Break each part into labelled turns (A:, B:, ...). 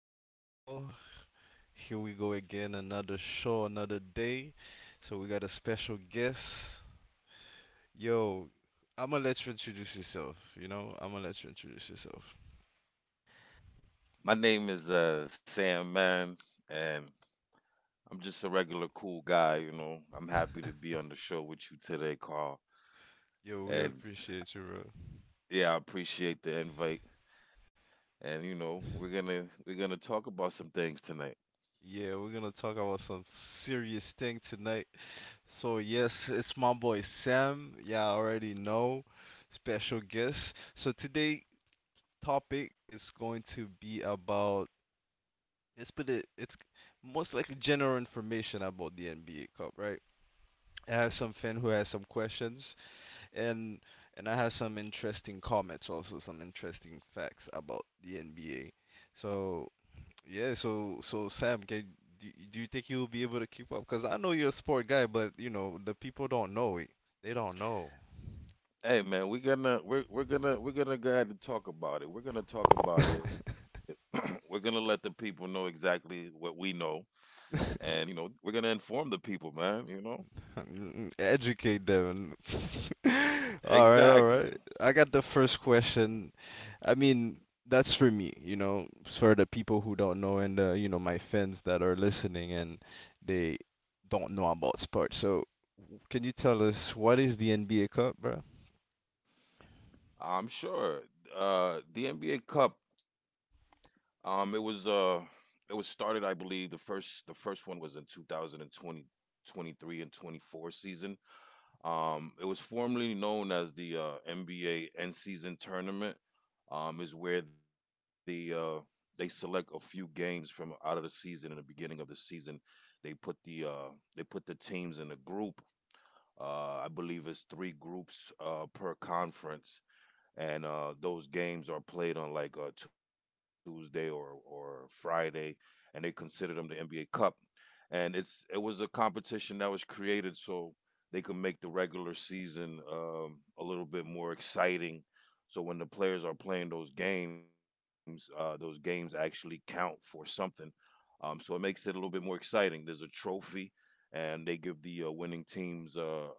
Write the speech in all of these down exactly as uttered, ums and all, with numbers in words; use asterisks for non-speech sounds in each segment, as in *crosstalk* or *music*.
A: boy Carl. Here we go again, another show, another day. So we got a special guest. Yo, I'ma let you introduce yourself, you know? I'ma let you introduce yourself.
B: My name is uh, Sam Man, and I'm just a regular cool guy. You know, I'm happy to
A: *laughs*
B: be on the show with you today, Carl.
A: Yo, we
B: And
A: appreciate you, bro.
B: yeah, I appreciate the invite. And you know, we're gonna we're gonna talk about some things tonight.
A: Yeah, we're gonna talk about some serious thing tonight. So yes, it's my boy Sam. Yeah, I already know. Special guest. So today topic is going to be about. It's but it, it's most likely general information about the N B A Cup, right? I have some fan who has some questions, and and I have some interesting comments, also some interesting facts about the N B A. So yeah, so so Sam, can do, do you think you'll be able to keep up? Because I know you're a sport guy, but you know the people don't know it. They don't know.
B: Hey man, we're gonna we're we're gonna we're gonna go ahead and talk about it. We're gonna talk about it. *clears throat* We're gonna let the people know exactly what we know, and you
A: *laughs*
B: know, we're gonna inform the people, man. You know,
A: Educate them. *laughs* All right, all right.
B: exactly.
A: I got the first question. I mean, that's for me, you know, for the people who don't know and uh, you know, my fans that are listening and they don't know about sports. So, can you tell us what is the N B A Cup, bro?
B: I'm sure. Uh, the N B A Cup, Um, it was uh, it was started, I believe. The first the first one was in two thousand twenty, twenty-three and twenty-four season. Um, it was formerly known as the uh, N B A end season tournament. Um, is where the uh, they select a few games from out of the season in the beginning of the season. They put the uh, they put the teams in a group. Uh, I believe it's three groups uh, per conference, and uh, those games are played on like a Tuesday or or Friday, and they consider them the N B A Cup, and it's it was a competition that was created so they could make the regular season um, a little bit more exciting. So when the players are playing those games, uh, those games actually count for something. Um, so it makes it a little bit more exciting. There's a trophy, and they give the uh, winning teams uh,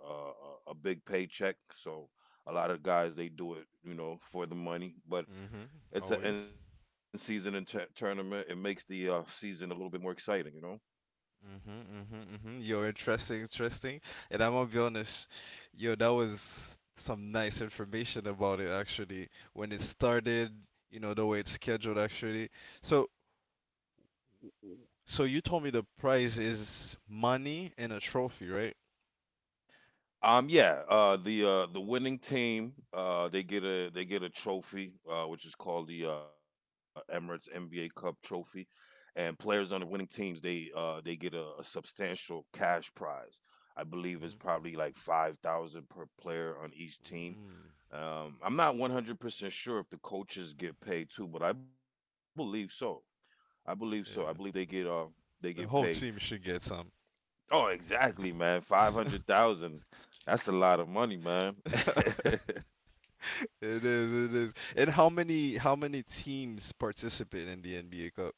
B: a, a big paycheck. So a lot of guys they do it, you know, for the money. But
A: Mm-hmm.
B: it's an end
A: Always.
B: season tournament. It makes the uh, season a little bit more exciting, you know.
A: Mm-hmm, mm-hmm, mm-hmm. Yo, interesting, interesting. And I'm gonna be honest, yo, that was some nice information about it actually. When it started, you know, the way it's scheduled actually. So. So you told me the prize is money and a trophy, right?
B: Um, yeah, uh, the uh, the winning team uh, they get a they get a trophy uh, which is called the uh, Emirates N B A Cup Trophy, and players on the winning teams they uh, they get a, a substantial cash prize. I believe it's probably like five thousand per player on each
A: Hmm.
B: team.
A: Mm,
B: Um, I'm not one hundred percent sure if the coaches get paid too, but I believe so. I believe so. I believe they
A: yeah,
B: get uh they get
A: the
B: paid.
A: whole team should get some.
B: Oh, exactly, man.
A: *laughs*
B: five hundred thousand. That's a lot of money, man. *laughs*
A: It is, it is. And how many how many teams participate in the N B A Cup?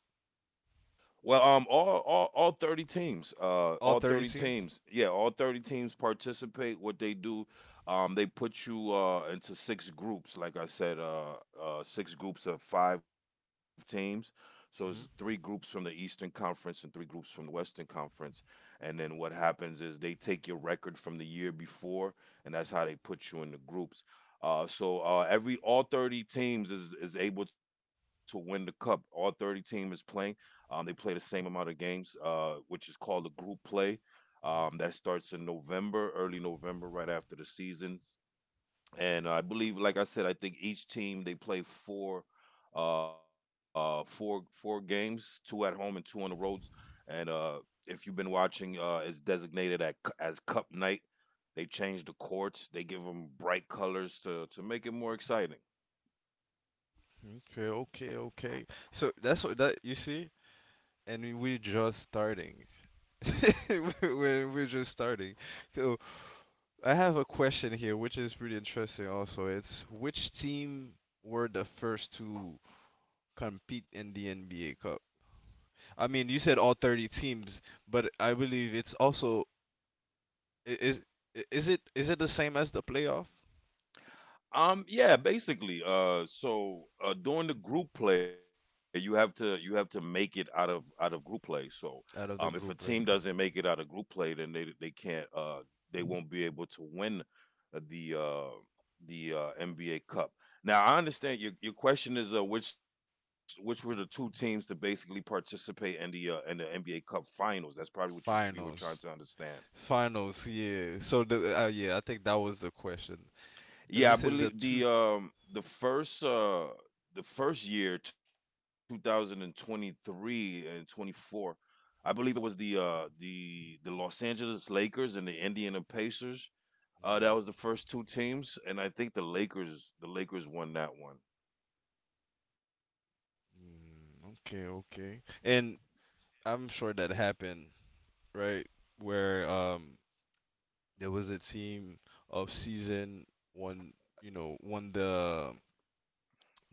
B: Well, um, all all all thirty teams, uh,
A: All
B: all
A: thirty
B: thirty
A: teams?
B: teams, yeah, all thirty teams participate. What they do, um, they put you uh into six groups. Like I said, uh, uh, six groups of five teams. So it's three groups
A: Hmm.
B: from the Eastern Conference and three groups from the Western Conference. And then what happens is they take your record from the year before, and that's how they put you in the groups. Uh, so uh, every all thirty teams is, is able to win the cup. All thirty team is playing, um, they play the same amount of games, uh, which is called the group play. Um, that starts in November, early November, right after the season. And I believe, like I said, I think each team they play four, uh, four four games, two at home and two on the roads. And uh, if you've been watching, uh, it's designated at, as Cup Night. They change the courts. They give them bright colors to to make it more exciting.
A: Okay, okay, okay. So that's what that you see, and we- we're just starting. *laughs* We're we're just starting. So I have a question here, which is pretty interesting also. It's which team were the first to compete in the N B A Cup? I mean, you said all thirty teams, but I believe it's also i- is i- is it is it the same as the playoff
B: Um, yeah, basically. Uh, so uh, during the group play, you have to you have to make it out of out of group play. So, um,
A: out
B: if a
A: of the
B: team
A: group play?
B: doesn't make it out of group play, then they they can't uh they won't be able to win the uh the uh, N B A Cup. Now, I understand your your question is uh which which were the two teams to basically participate in the uh in the N B A Cup Finals. That's probably what you we were trying to
A: Finals.
B: understand.
A: Finals, yeah. So the uh, yeah, I think that was the question because
B: Yeah, I
A: this is the
B: believe
A: two.
B: the um the first uh the first year, two thousand twenty-three and twenty-four, I believe it was the uh the the Los Angeles Lakers and the Indiana Pacers. Uh that was the first two teams and I think the Lakers the Lakers won that one.
A: Mm, okay, okay. And I'm sure that happened, right? Where um there was a team of season one, you know, won the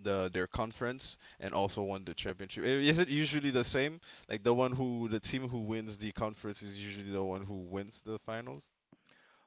A: the their conference and also won the championship. I- Is it usually the same? Like the one who the team who wins the conference is usually the one who wins the finals,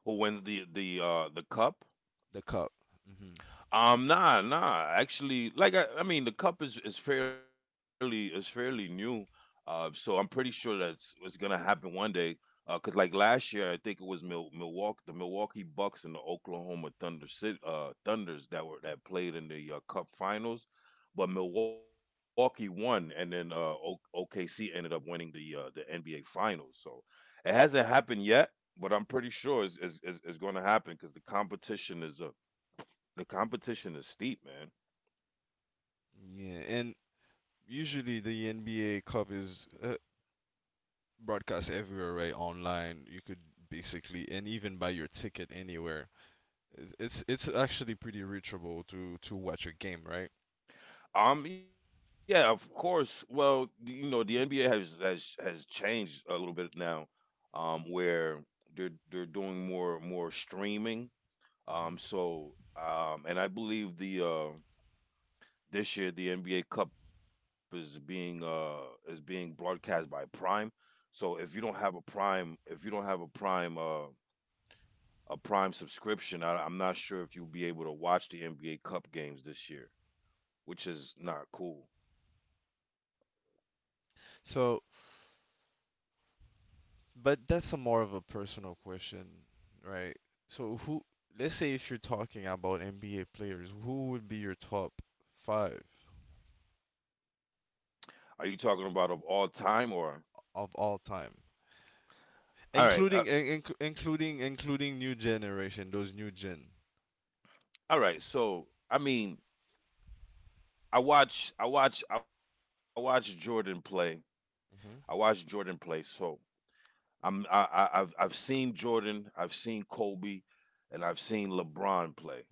B: Who wins the the uh the cup?
A: the cup. Hmm.
B: Um, nah, nah. Actually, like I, I mean, the cup is is fairly is fairly new, uh, so I'm pretty sure that's it's gonna happen one day. Uh, cause like last year, I think it was Mil- Milwaukee, the Milwaukee Bucks and the Oklahoma Thunder City, uh, Thunders that were that played in the uh, Cup Finals, but Milwaukee won, and then uh, o- OKC ended up winning the uh, the N B A Finals. So it hasn't happened yet, but I'm pretty sure it's is is going to happen because the competition is uh, the competition is steep, man.
A: Yeah, and usually the N B A Cup is uh, broadcast everywhere, right? Online, you could basically, and even buy your ticket anywhere. It's it's it's actually pretty reachable to to watch a game, right?
B: Um, yeah, of course. Well, you know, the N B A has has has changed a little bit now, um, where they're they're doing more more streaming. Um, so um, and I believe the uh this year the N B A Cup is being uh is being broadcast by Prime. So if you don't have a Prime, if you don't have a Prime uh a Prime subscription, I, I'm not sure if you'll be able to watch the N B A Cup games this year, which is not cool.
A: So But that's a more of a personal question, right? So who, let's say if you're talking about N B A players, who would be your top five
B: Are you talking about of all time or
A: of all time, including
B: all right? Uh,
A: in, inc- including including new generation, those new gen.
B: all right. So I mean, I watch, I watch, I watch Jordan play. I watch
A: Hmm.
B: Jordan play. So I'm, I, I, I've, I've seen Jordan, I've seen Kobe, and I've seen LeBron play.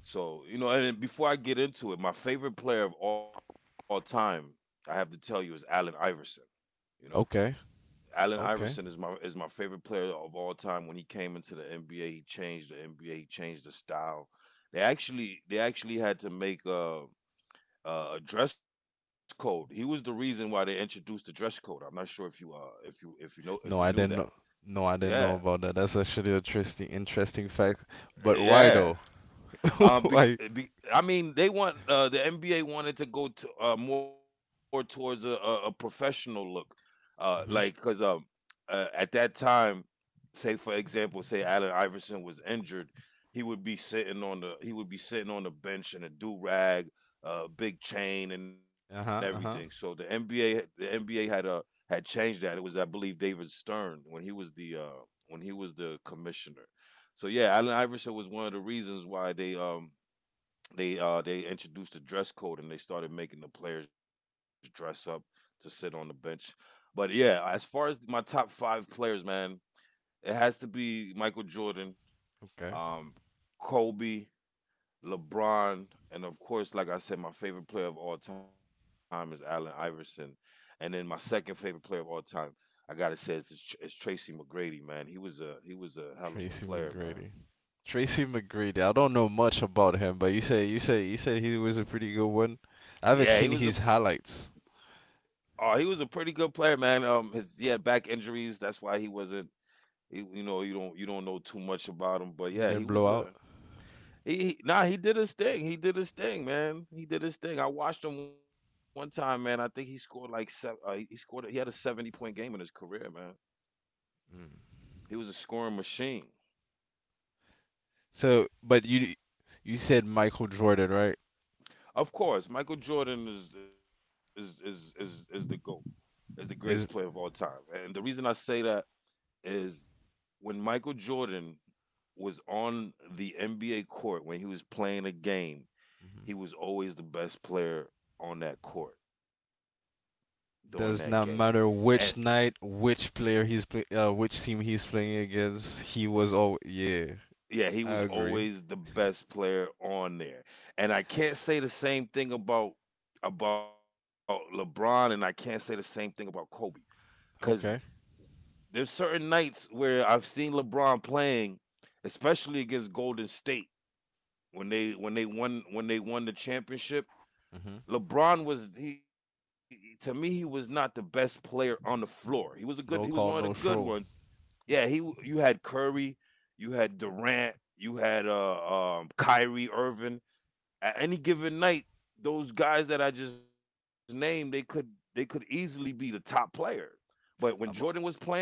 B: So you know, and then before I get into it, my favorite player of all time, I have to tell you, is Allen Iverson. You know,
A: Okay,
B: Allen Iverson
A: okay.
B: is my is my favorite player of all time. When he came into the N B A, he changed the N B A. He changed the style. They actually they actually had to make a, a dress code. He was the reason why they introduced the dress code. I'm not sure if you uh if you if you know if you
A: No,
B: knew
A: I
B: that.
A: didn't know. No, I didn't
B: Yeah,
A: know about that. That's actually interesting, interesting fact. But why
B: yeah.
A: though? *laughs*
B: Um, be,
A: Why?
B: be, I mean, they want uh, the N B A wanted to go to uh, more towards a, a, a professional look, uh, like because
A: Hmm.
B: um, uh, at that time, say for example, say Allen Iverson was injured, he would be sitting on the he would be sitting on the bench in a do rag, uh, big chain and everything. So
A: Uh-huh,
B: the
A: uh-huh.
B: N B A the N B A had uh had changed that. It was I believe David Stern when he was the uh, when he was the commissioner. So yeah, Allen Iverson was one of the reasons why they um they uh they introduced the dress code and they started making the players dress up to sit on the bench. But yeah, as far as my top five players, man, it has to be Michael Jordan,
A: Okay.
B: um, Kobe, LeBron, and of course, like I said, my favorite player of all time is Allen Iverson. And then my second favorite player of all time, I gotta say, is, is Tracy McGrady, man. He was a he was a hell of a
A: Tracy
B: player, man.
A: McGrady. Tracy McGrady. I don't know much about him, but you say you say you said he was a pretty good one. I haven't
B: Yeah, he
A: seen
B: was a.
A: his highlights.
B: Oh, he was a pretty good player, man. Um, his he had back injuries. That's why he wasn't. He, you know, you don't you don't know too much about him, but
A: He
B: yeah, he
A: didn't blow
B: was
A: out.
B: a. He, he nah, he did his thing. He did his thing, man. He did his thing. I watched him one time, man. I think he scored like seven. Uh, he, he scored. He had a seventy point game in his career, man.
A: Mm.
B: He was a scoring machine.
A: So, but you you said Michael Jordan, right?
B: Of course, Michael Jordan is is is is, is the goat, is the greatest player of all
A: Is
B: time, and the reason I say that is when Michael Jordan was on the N B A court, when he was playing a game, he was always the best player on that court during that game.
A: does not
B: And
A: matter which night, which player he's play, uh, which team he's playing against. He was all yeah.
B: yeah, he
A: I
B: was
A: agree.
B: always the
A: *laughs*
B: best player on there. And I can't say the same thing about about LeBron and I can't say the same thing about Kobe cuz
A: Okay.
B: there's certain nights where I've seen LeBron playing, especially against Golden State, when they when they won when they won the championship.
A: Hmm.
B: LeBron was, he to me he was not the best player on the floor. He was a good he was
A: No
B: one of the
A: call, no
B: good ones.
A: show.
B: Yeah, he you had Curry, you had Durant, you had uh um Kyrie Irving. At any given night, those guys that I just named, they could they could easily be the top player. But when Jordan
A: I'm,
B: was playing,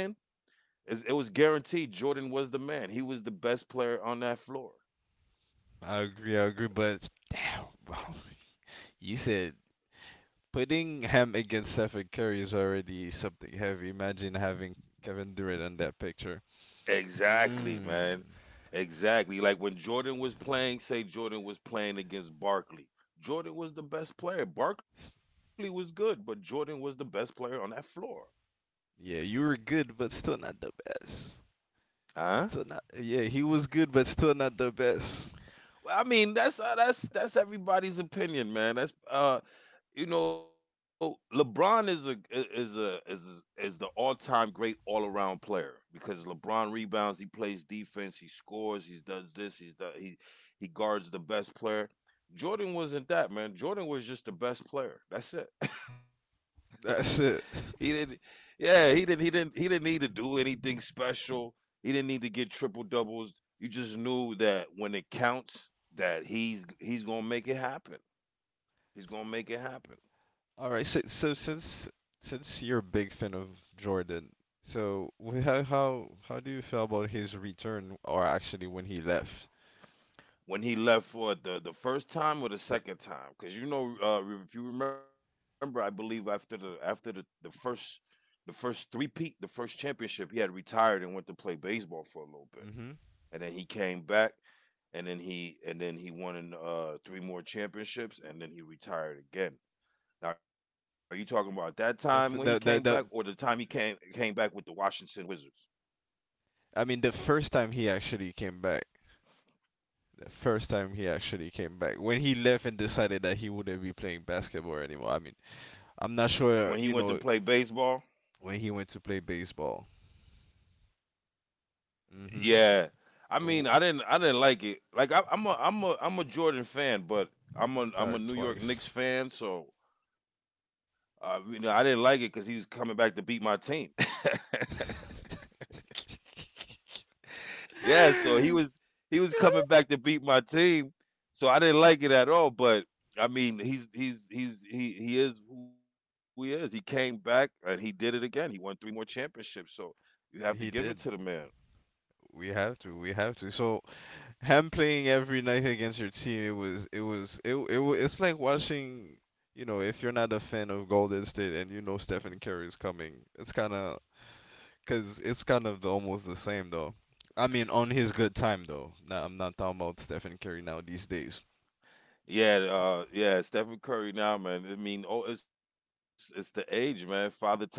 B: it's- it was guaranteed Jordan was the man. He was the best player on that floor.
A: I agree. I agree. But damn, you said putting him against Stephen Curry is already something heavy. Imagine having Kevin Durant on that picture.
B: Exactly,
A: Mm.
B: man. Exactly. Like when Jordan was playing, say Jordan was playing against Barkley. Jordan was the best player. Barkley was
A: S-
B: good, but Jordan was the best player on that floor.
A: Yeah, you were good, but still not the best.
B: Huh?
A: Still not. Yeah, he was good, but still not the best.
B: Well, I mean, that's uh, that's that's everybody's opinion, man. That's uh, you know, LeBron is a is a is is the all time great all around player because LeBron rebounds, he plays defense, he scores, he does this, he's done, he he guards the best player. Jordan wasn't that man. Jordan was just the best player. That's it. *laughs* He
A: That's
B: didn't.
A: it.
B: Yeah, he didn't. He didn't. He didn't need to do anything special. He didn't need to get triple doubles. You just knew that when it counts, that he's he's gonna make it happen. He's gonna make it happen.
A: All right. So, so since since you're a big fan of Jordan, so wh- how how how do you feel about his return, or actually when he left?
B: When he left for it the the first time or the
A: The
B: second time, because you know, uh, if you remember, I believe after the after the the first the first three peat, the first championship, he had retired and went to play baseball for a little bit.
A: Mm-hmm.
B: And then he came back, and then he and then he won in, uh, three more championships, and then he retired again. Now, are you talking about that time when he came
A: The f-
B: back, or
A: the
B: the
A: the,
B: time
A: the
B: he came came back with the Washington Wizards
A: I mean the first time he actually came back. The first time he actually came back when he left and decided that he wouldn't be playing basketball anymore. I mean,
B: when he
A: I'm
B: went
A: not
B: to play
A: sure, you know,
B: baseball?
A: when he went to play baseball. Mm-hmm.
B: Yeah, I
A: W-
B: mean, I didn't I didn't like it. Like I, I'm a I'm a I'm a Jordan fan, but I'm a I'm a
A: Retired
B: New York
A: twice.
B: Knicks fan, so uh, you know I didn't like it because he was coming back to beat my team. *laughs*
A: *laughs*
B: Yeah, so he was he was coming
A: Yeah.
B: back to beat my team. So I didn't like it at all, but I mean, he's he's he's he he is who he is. He came back and he did it again. He won three more championships, so you have to
A: And he
B: give it to
A: did.
B: the man.
A: We have to. We have to. So him playing every night against your team, it was, it was, it, it, wa- it's like watching. You know, if you're not a fan of Golden State and you know Stephen Curry is coming, it's kind of. Cause it's kind of the, almost the same though. I mean, on his good time though. Nah, I'm not talking about Stephen Curry now these days.
B: Yeah, uh yeah, Stephen Curry now, man. I mean, oh, it's it's the age, man. Father time, baby.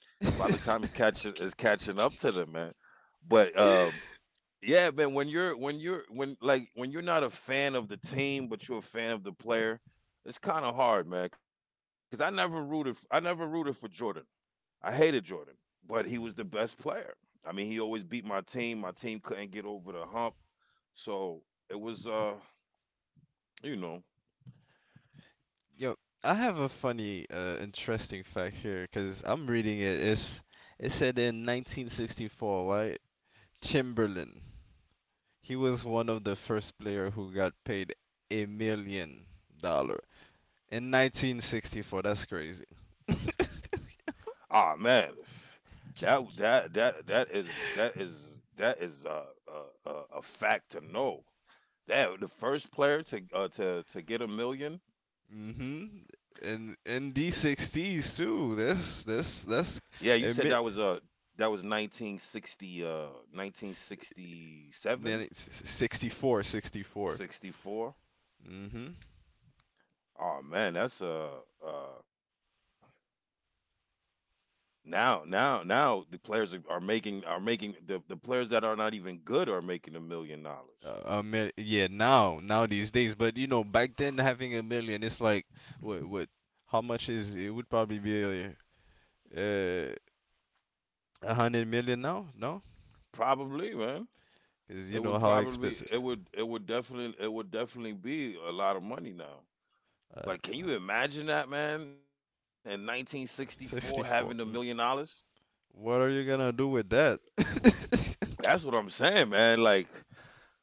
B: Father
A: Yeah.
B: time
A: *laughs*
B: is catching is catching up to them, man. But
A: Mm.
B: um yeah, man. When you're when you're when like when you're not a fan of the team, but you're a fan of the player, it's kind of hard, man. Because I never rooted. F- I never rooted for Jordan. I hated Jordan, but he was the best player. I mean, he always beat my team. My team couldn't get over the hump, so it was, uh, you know,
A: Yo, I have a funny, uh, interesting fact here because I'm reading it. It's it said in nineteen sixty-four, right? Chamberlain. He was one of the first player who got paid a million dollar in nineteen sixty-four. That's crazy.
B: ah, man, that that that that is that is that is uh, uh, uh, a fact to know. That the first player to uh, to to get a million.
A: Hmm. And and D60s too. That's that's
B: Yeah, you
A: that's
B: said that was uh
A: admit
B: that was nineteen sixty uh nineteen sixty
A: then
B: seven
A: it's sixty-four, sixty-four.
B: sixty four.
A: Mm-hmm.
B: Oh man, that's uh uh now now now the players are, are making are making the the players that are not even good are making a million dollars.
A: Uh, a mil- yeah, now now these days, but you know, back then having a million, it's like what what? How much is it? Would probably be uh, a hundred million now? No,
B: Probably, man.
A: because you
B: It
A: know
B: would
A: how
B: probably it
A: expensive.
B: would it would definitely it would definitely be a lot of money now.
A: Uh,
B: Like can you imagine that, man? In nineteen sixty-four having a million
A: sixty-four. Mm.
B: dollars?
A: What are you gonna do with that?
B: That's what I'm saying, man. Like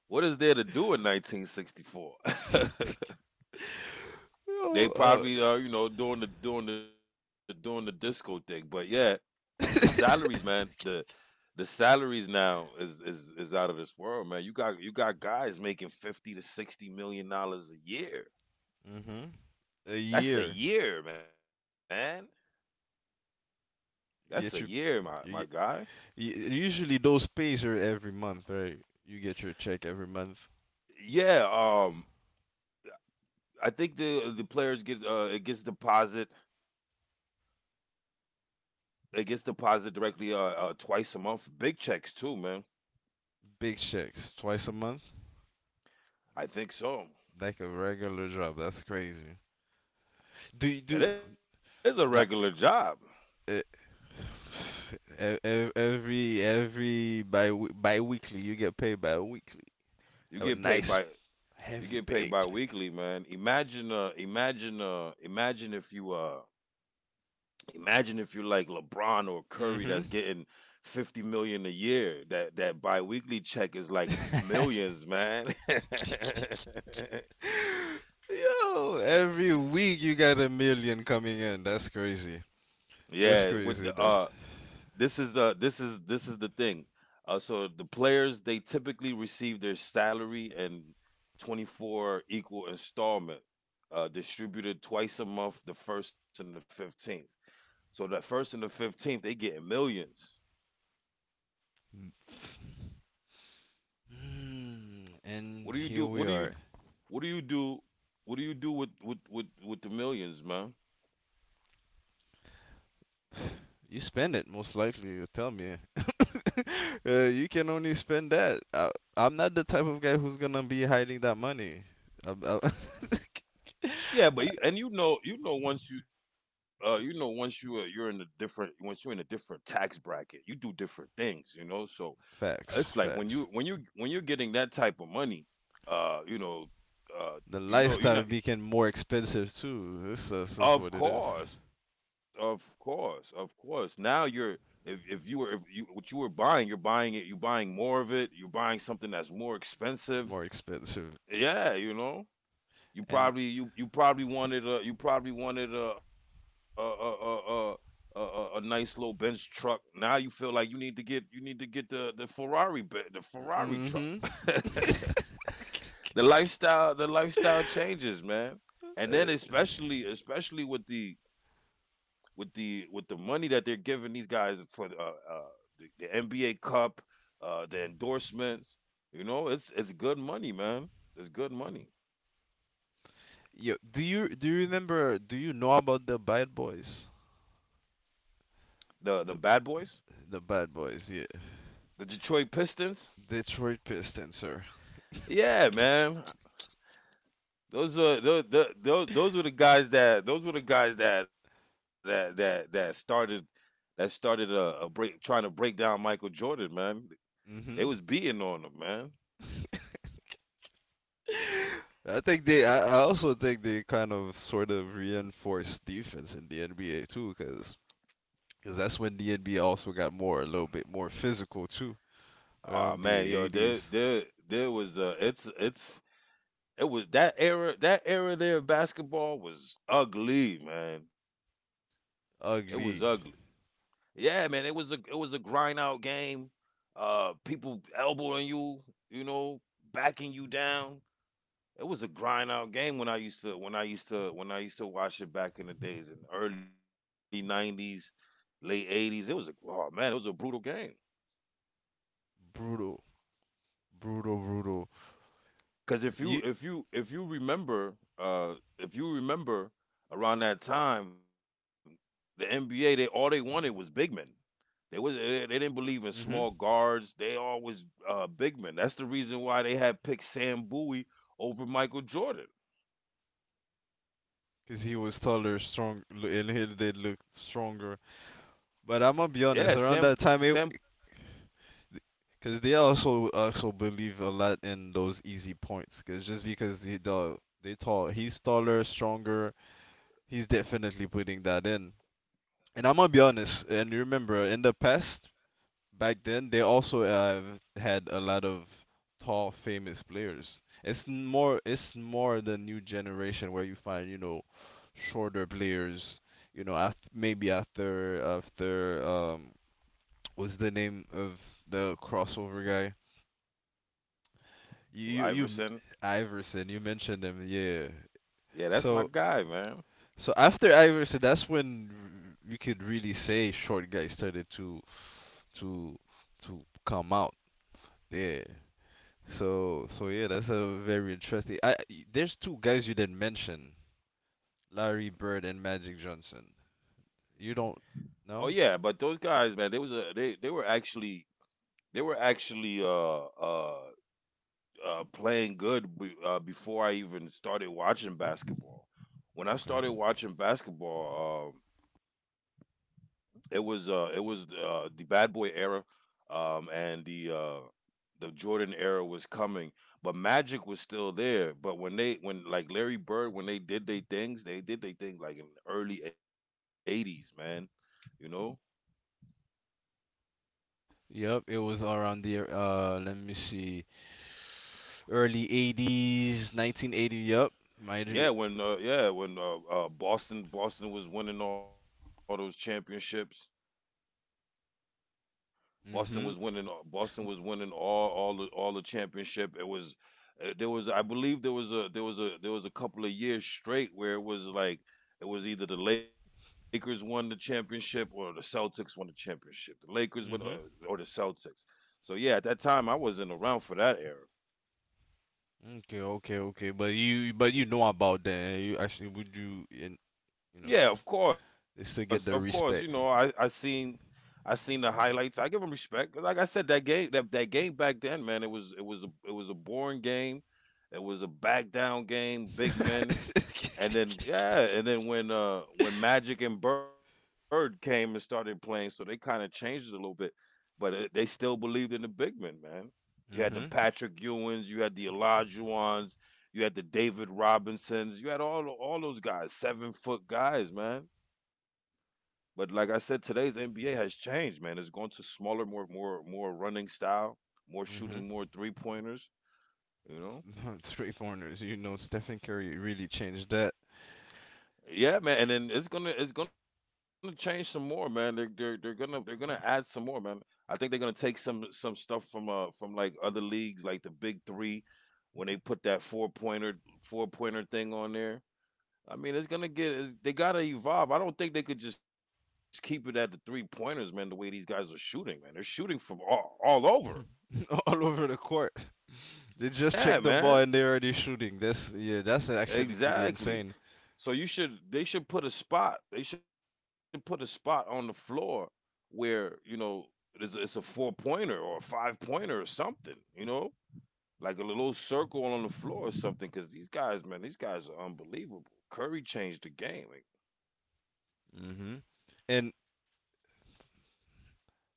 B: what is there to do in nineteen sixty-four? *laughs*
A: *laughs*
B: They
A: Yo,
B: probably are, you know, doing the doing the doing the disco thing. But yeah, the
A: uh,
B: salaries, man, the
A: *laughs*
B: the salaries now is is is out of this world, man. You got you got guys making fifty to sixty million dollars a year.
A: hmm A
B: That's a
A: year.
B: year, man. That's a
A: You
B: year,
A: get your
B: my my
A: you get,
B: guy.
A: y- Usually those pays are every month, right? You get your check every month.
B: Yeah, um I think the the players get uh it gets deposit, it gets deposit directly uh uh twice a month. Big checks too, man.
A: Big checks, twice a month,
B: I think so.
A: like a regular job. That's crazy. Do you do
B: That is a
A: not,
B: regular job.
A: uh, e- e- every every bi bi-weekly you get paid bi-weekly.
B: You
A: A
B: get paid
A: nice
B: by you
A: heavy
B: get paid by
A: paycheck.
B: weekly, man. Imagine uh imagine uh imagine if you uh imagine if you're like LeBron or Curry
A: Mhm.
B: that's getting fifty million a year. That that bi weekly check is like millions, man. *laughs*
A: *laughs* Yo, every week you got a million coming in. That's crazy. That's
B: Yeah, with
A: crazy.
B: the
A: That's
B: uh this is the this is this is the thing. Uh, so the players they typically receive their salary in twenty-four equal installment, uh, distributed twice a month, the first and the fifteenth. So that first and the fifteenth, they getting millions.
A: Hmm,
B: What do
A: and
B: you do?
A: here we
B: What do you
A: are.
B: what do you do? What do you do with with with, with the millions, man?
A: You spend it, most likely, you tell me. *laughs* Uh, you can only spend that. I, I'm not the type of guy who's gonna be hiding that money. I, I,
B: Yeah, but you, and you know, you know, once you, uh, you know, once you, uh, you're in a different, once you're in a different tax bracket, you do different things, you know. So
A: *laughs*
B: it's like
A: facts,
B: when you when
A: facts.
B: you when you're getting that type of money, uh, you know, uh,
A: The
B: you know, you know,
A: lifestyle became more expensive too. This, that's, that's
B: of
A: what it is.
B: course, of course, of course. Now you're if if you were if you what you were buying, you're buying it, you're buying more of it, you're buying something that's more expensive.
A: More expensive.
B: Yeah, you know, you
A: And
B: probably you you probably wanted a you probably wanted a a a a. a a, a, a nice little Benz truck. Now you feel like you need to get you need to get the the Ferrari be- the Ferrari truck.
A: mm-hmm.
B: *laughs* the lifestyle the lifestyle changes, man. And then especially especially with the with the with the money that they're giving these guys for the uh, uh the, the N B A cup, uh the endorsements. You know, it's it's good money, man. It's good money.
A: Yo, do you do you remember? Do you know about the Bad Boys?
B: The the
A: The
B: bad boys,
A: the Bad Boys, yeah.
B: the Detroit Pistons.
A: Detroit Pistons, sir.
B: Yeah man, those are those, those those were the guys that those were the guys that that that that started that started a, a break trying to break down Michael Jordan, man. They
A: Mm-hmm.
B: was beating on them, man.
A: I think they. I, I also think they kind of sort of reinforced defense in the N B A too, because that's when the N B A also got more a little bit more physical too
B: Oh
A: around
B: man,
A: the
B: yo, there
A: eighties.
B: there there was uh it's it's it was that era, that era there of basketball was ugly, man. It was ugly.
A: Ugly,
B: Yeah, man, it was a it was a grind out game. Uh, people elbowing you, you know, backing you down. It was a grind out game when I used to when I used to when I used to watch it back in the days in the early nineties, late eighties. It was a oh man, it was a brutal game.
A: brutal, brutal, brutal.
B: Because if
A: You,
B: you if you if you remember, uh, if you remember around that time, the N B A they all they wanted was big men. They was they, they didn't believe in
A: mm-hmm.
B: small guards. They always uh, big men. That's the reason why they had picked Sam Bowie over Michael Jordan.
A: Because he was taller, strong, and he did look stronger. But
B: Yeah,
A: I'm gonna be
B: Sam
A: honest, around that
B: Sam
A: time it. Because they also also believe a lot in those easy points. Because just because he the they tall, he's taller, stronger, he's definitely putting that in. And I'm gonna be honest, and remember, in the past, back then, they also have had a lot of tall, famous players. It's n- more, it's more the new generation where you find, you know, shorter players. You know, after, maybe after after um, what's the name of the crossover guy? You you, you
B: Iverson.
A: Iverson. You mentioned him, yeah.
B: Yeah, that's my
A: So
B: guy, man.
A: So after Iverson, that's when you could really say short guys started to to to come out. Yeah. So so yeah, that's a very interesting. I I- there's two guys you didn't mention, Larry Bird and Magic Johnson. You
B: Oh
A: don't
B: yeah, but those
A: know?
B: guys, man, they was uh, they they were actually they were actually uh uh uh, playing good, be, uh, before I even started watching basketball. When I
A: Okay.
B: started watching basketball, um, it was uh, it was uh, the bad boy era, um, and the uh, the Jordan era was coming, but Magic was still there. But when they when like Larry Bird, when they did their things, they did their thing like in the early eighties, man. You know,
A: Yep, it was around the uh let me see, early eighties, nineteen eighty. Yep.
B: yeah,
A: Magic.
B: when uh, yeah when uh, uh, Boston Boston was winning all those championships. Boston was
A: Mhm.
B: winning. Uh, Boston was winning all all the, all the championship. It was uh, there was I believe there was a there was a there was a couple of years straight where it was like it was either the Lakers won the championship or the Celtics won the championship. The Lakers won uh, or
A: Mhm.
B: the Celtics. So yeah, at that time I wasn't around for that era.
A: Okay, okay, okay. But you but you know about that. You actually would you in you know
B: Yeah, of course, of
A: They
B: course.
A: still
B: You
A: get
B: know,
A: the
B: I I
A: respect.
B: seen, I seen the highlights. I give him respect. Like I said, that game, that that game back then, man, it was it was a it was a boring game. It was a back down game, big men.
A: *laughs*
B: And then yeah, and then when uh
A: Mhm.
B: when Magic and Bird came and started playing, so they kind of changed it a little bit, but it, they still believed in the big men, man. You had the Patrick Ewins, you had the Olajuwons, you had the David Robinsons, you had all all those guys, seven foot guys, man. But like I said, today's N B A has changed, man. It's gone to smaller, more, more, more running style, more
A: Mhm.
B: shooting, more three pointers. You know,
A: Three pointers. You know, Stephen Curry really changed that.
B: yeah, man. And then it's gonna, it's gonna change some more, man. They're, they're, they're gonna, they're gonna add some more, man. I think they're gonna take some, some stuff from, uh, from like other leagues, like the Big Three, when they put that four pointer, four pointer thing on there. I mean, it's gonna get. It's, they gotta evolve. I don't think they could just keep it at the three pointers, man. The way these guys are shooting, man, they're shooting from all all over.
A: *laughs* All over the court. They just
B: Yeah,
A: check the ball
B: man,
A: and they're already shooting. That's Yeah, that's actually pretty
B: exactly.
A: insane.
B: So you should. They should put a spot. They should put a spot on the floor where you know it's, it's a four pointer or a five pointer or something. You know, like a little circle on the floor or something. Because these guys, man, these guys are unbelievable. Curry changed the game. Like,
A: Mhm. And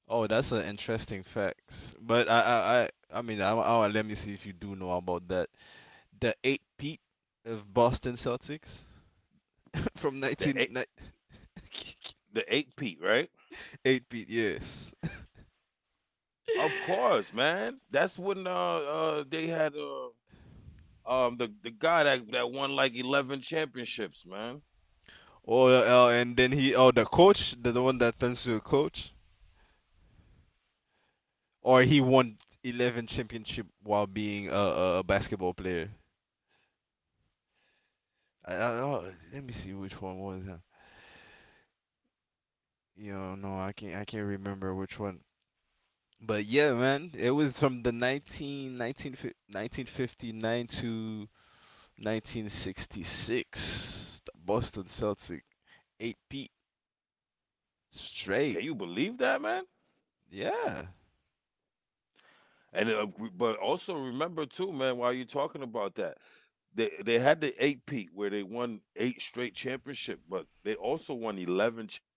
A: oh, that's an interesting fact. But I I I, I mean, I, I let me see if you do know about that. The eight peat of Boston Celtics *laughs* from
B: the
A: nineteen.
B: eight, the eight peat, right?
A: Eight peat. Yes.
B: Of course, man. That's when uh, uh they had uh um the, the guy that, that won like eleven championships, man.
A: Oh, yeah, uh, and then he, oh, the coach, the, the one that turns to a coach, or he won eleven championship while being a, a basketball player. I, I, oh, let me see which one was that. You know, no, I can't, I can't remember which one. But yeah, man, it was from the nineteen, nineteen, nineteen fifty-nine to nineteen sixty-six. The Boston Celtics, eight feet
B: Can you believe
A: straight.
B: that, man?
A: Yeah.
B: And uh, we- but also remember too, man, while you're talking about that, they they had the eight peat where they won eight straight championship, but they also won eleven chip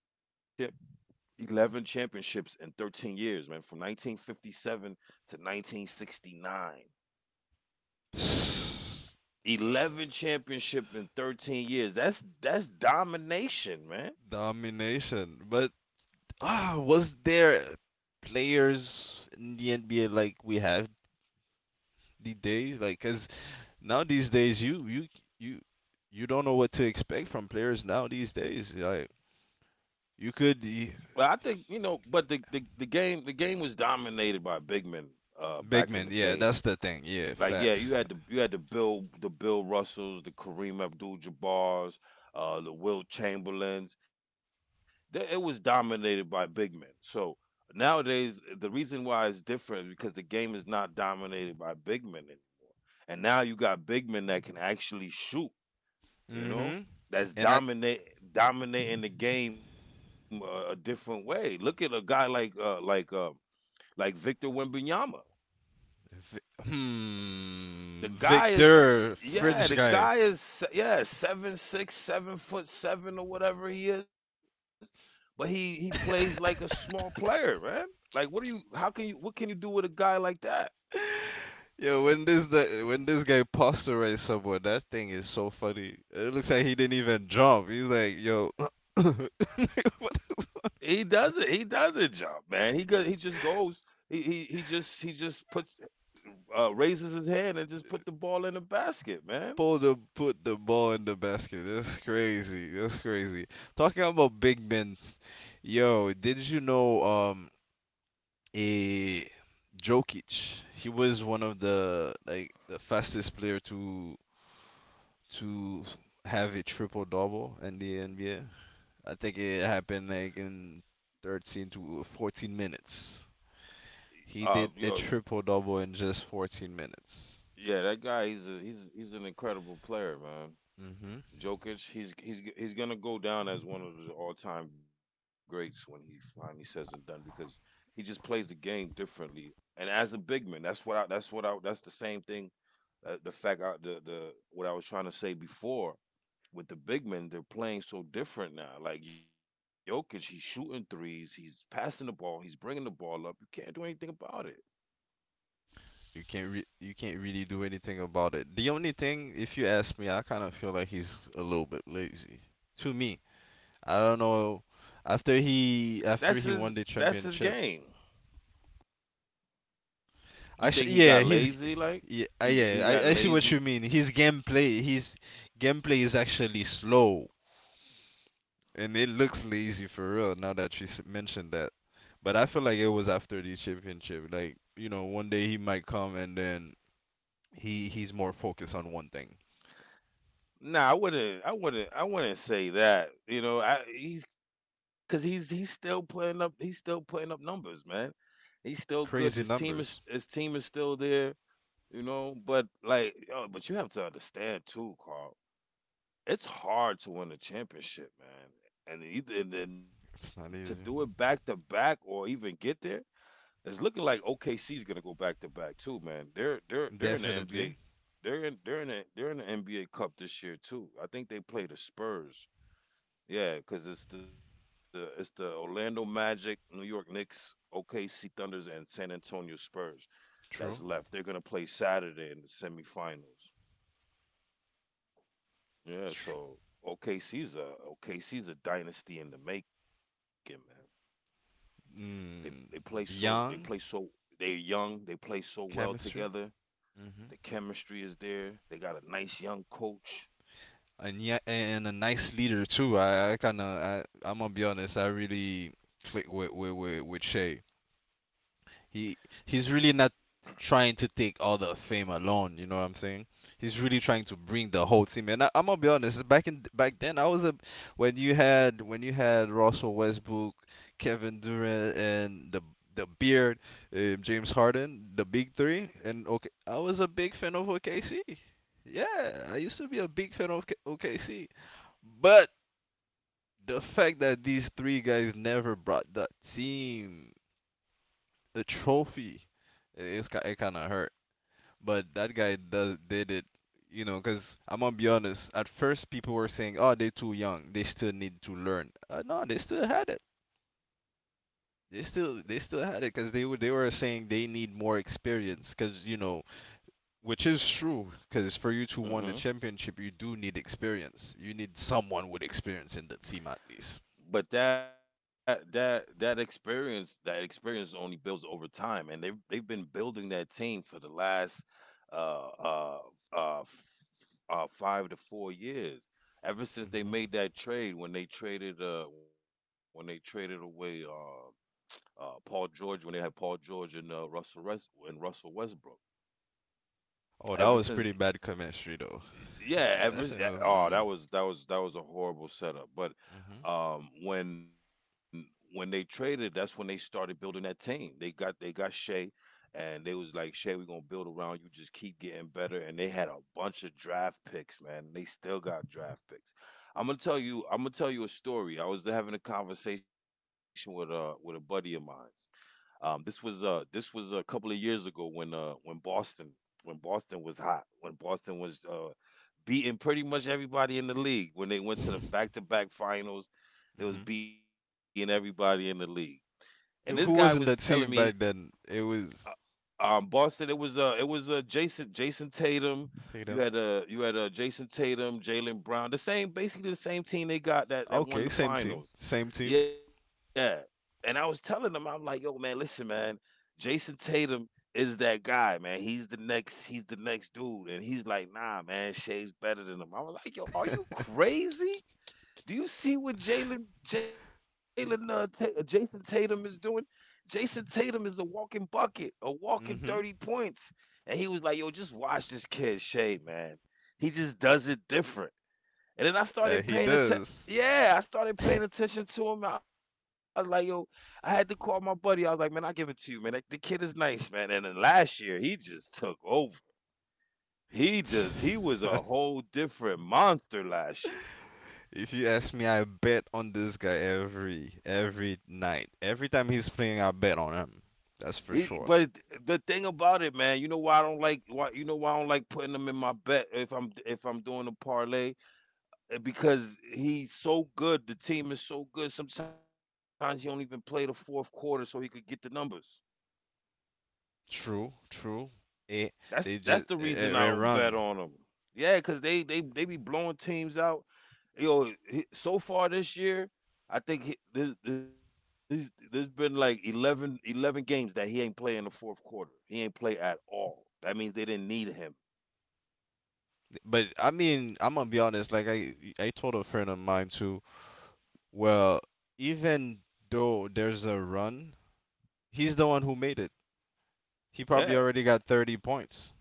B: eleven championships in thirteen years, man, from nineteen fifty-seven to nineteen sixty-nine.
A: *sighs* Uh,
B: eleven championship in thirteen years. That's that's domination, man.
A: domination. But ah, was there players in the N B A like we have these days? Like, cause now these days you you you you don't know what to expect from players now these days. Like, you
B: But I
A: could
B: think,
A: y-
B: you know, but the the, the game the game was dominated by big men uh back
A: big
B: in the
A: man, yeah,
B: days.
A: that's the thing. Yeah,
B: Like yeah, you
A: facts.
B: had the you had the Bill the Bill Russells, the Kareem Abdul Jabbar's, uh the Will Chamberlains. They- It was dominated by big men. So nowadays the reason why it's different is because the game is not dominated by big men anymore. And now you got big men that can actually shoot, you know,
A: Mm-hmm.
B: that's
A: And I,
B: dominate dominating the game a, a different way. Look at a guy like uh like uh like Victor Wembanyama.
A: Vi-
B: The
A: hmm,
B: guy is
A: Victor,
B: Yeah,
A: French
B: the
A: guy.
B: guy is, yeah, seven six, seven foot seven or whatever he is, but he he plays like a small player, man. Like, what are you? How can you? What can you do with a guy like that?
A: *laughs* Yeah, when this the when this guy posterized someone, that thing is so funny. It looks like he didn't even jump. He's like, yo,
B: He doesn't. He doesn't jump, man. He go, he just goes. He he he just he just puts uh raises his hand and just put the ball in the basket, man.
A: Pull the put the ball in the basket. That's crazy. That's crazy. Talking about big men, yo, did you know um a Jokic? He was one of the like the fastest player to to have a triple double in the N B A. I think it happened like in thirteen to fourteen minutes. He
B: Uh
A: did a
B: yo,
A: triple double in just fourteen minutes.
B: yeah, that guy, he's a, he's he's an incredible player, man.
A: Hmm.
B: Jokic, he's he's he's going to go down as one of the all-time greats when he finally says and done, because he just plays the game differently. And as a big man, that's what I that's what I that's the same thing, uh, the fact I, the the what I was trying to say before with the big men. They're playing so different now. Like Jokic, he's shooting threes, he's passing the ball, he's bringing the ball up. You can't do anything about it.
A: You can't re- you can't really do anything about it. The only thing, if you ask me, I kind of feel like he's a little bit lazy. To me, I don't know. After
B: That's his.
A: he after
B: That's
A: he
B: his
A: won the
B: game.
A: championship,
B: You think he
A: actually,
B: got
A: yeah, he's
B: lazy? Like
A: yeah, I-
B: he he
A: yeah.
B: got
A: I, I see what
B: lazy?
A: you mean. His gameplay, his gameplay is actually slow, and it looks lazy for real. Now that you s- mentioned that, but I feel like it was after the championship. Like you know, one day he might come and then he he's more focused on one thing.
B: Nah, I wouldn't. I wouldn't. I wouldn't say that. You know, I he's because he's he's still putting up. He's still putting up numbers, man. He's still good. His
A: Crazy
B: team is
A: numbers.
B: his team is still there. You know, but like, yo, but you have to understand too, Carl, it's hard to win a championship, man, and either and then to do
A: It's
B: it
A: not
B: back to
A: easy.
B: back or even get there. It's looking like O K C is gonna go back to back too, man. They're they're they're in the
A: Definitely.
B: N B A. They're in they're in the, they're in the N B A Cup this year too. I think they play the Spurs. Yeah, because it's the it's the Orlando Magic, New York Knicks, O K C Thunders, and San Antonio Spurs that's
A: True.
B: left. They're gonna play Saturday in the semifinals. Yeah,
A: Tr-
B: so O K C's a O K C's a dynasty in the making, man. They they play
A: mm.
B: so they play
A: Young.
B: so they're young, they play so well
A: Chemistry.
B: together.
A: Hmm.
B: The chemistry is there. They got a nice young coach.
A: And yeah, and a nice leader too. I, I kind of I I'm gonna be honest. I really click with with with, with Shay. He he's really not trying to take all the fame alone. You know what I'm saying? He's really trying to bring the whole team. And I, I'm gonna be honest. Back in back then, I was a when you had when you had Russell Westbrook, Kevin Durant, and the the beard, uh, James Harden, the big three, and okay, I was a big fan of O K C. Yeah, I used to be a big fan of K- O K C. But the fact that these three guys never brought that team a trophy. It- It's ki- it kind of hurt, but that guy does did it. You know, because I'm gonna be honest. At first, people were saying, "Oh, they're too young. They still need to learn." Uh, no, they still had it. They still they still had it because they were they were saying they need more experience. Because you know, which is true. Because for you to win a
B: Hmm,
A: championship, you do need experience. You need someone with experience in the team at least.
B: but that that that experience that experience only builds over time, and they've they've been building that team for the last uh uh uh, f- uh five to four years ever since they
A: Hmm.
B: made that trade when they traded uh when they traded away uh uh Paul George, when they had Paul George and uh Russell West and Russell Westbrook.
A: Oh, that
B: Ever
A: was
B: since,
A: pretty bad chemistry though.
B: yeah,
A: Uh,
B: ever
A: that's,
B: s- yeah, oh,
A: mm-hmm.
B: that was that was that was a horrible setup. But um when when they traded, that's when they started building that team. They got they got Shea, and they was like, Shea, we're gonna build around you, just keep getting better. And they had a bunch of draft picks, man, and they still got draft picks. I'm gonna tell you I'm gonna tell you a story. I was having a conversation with uh with a buddy of mine. Um, this was uh this was a couple of years ago when uh when Boston, when Boston was hot when Boston was uh beating pretty much everybody in the league, when they
A: *laughs*
B: went to the
A: hmm.
B: back to back finals. They was beating everybody in the league, and this guy was
A: Who, who was
B: telling
A: in that
B: me,
A: team back then? It was
B: um, Boston. It was uh, it was uh, Jason, Jason Tatum.
A: take it
B: You
A: down.
B: had uh, you had uh, Jason Tatum, Jalen Brown. The same, basically the same team they got that that won
A: Okay,
B: the
A: same team,
B: finals.
A: same team.
B: Yeah, and I was telling them, I'm like, yo, man, listen, man, Jason Tatum is that guy, man. He's the next, he's the next dude. And he's like, nah, man, Shea's better than him. I was like, yo, are you crazy? Do you see what Jalen Jalen uh, Ta- uh, Jason Tatum is doing? Jason Tatum is a walking bucket, a walking thirty
A: Mm-hmm.
B: points, And he was like, "Yo, just watch this kid Shay, man. He just does it different." And then I
A: Uh,
B: started
A: he
B: paying attention.
A: does.
B: Yeah, I started paying attention to him. I was like, "Yo, I had to call my buddy." I was like, man, I give it to you, man. That, the kid is nice, man. And then last year, he just took over. He just he was a
A: *laughs*
B: whole different monster last year.
A: If you ask me, I bet on this guy every every night. Every time he's playing, I bet on him. That's for
B: He
A: sure.
B: but it the thing about it, man, you know why I don't like, why you know why I don't like putting him in my bet, if I'm if I'm doing a parlay? Uh, because he's so good. The team is so good. Sometimes he don't even play the fourth quarter so he could get the numbers.
A: True, true. It,
B: That's
A: they
B: that's
A: just
B: the reason
A: it,
B: I
A: it
B: don't bet
A: run.
B: on him. Yeah, cause they they they be blowing teams out. Yo, he- so far this year, I think he, there's, there's there's been like eleven eleven games that he ain't play in the fourth quarter. He ain't play at all. That means they didn't need him.
A: But I mean, I'm gonna be honest. Like I I told a friend of mine too. Well, even though there's a run, he's the one who made it. He probably
B: Yeah,
A: already got thirty points,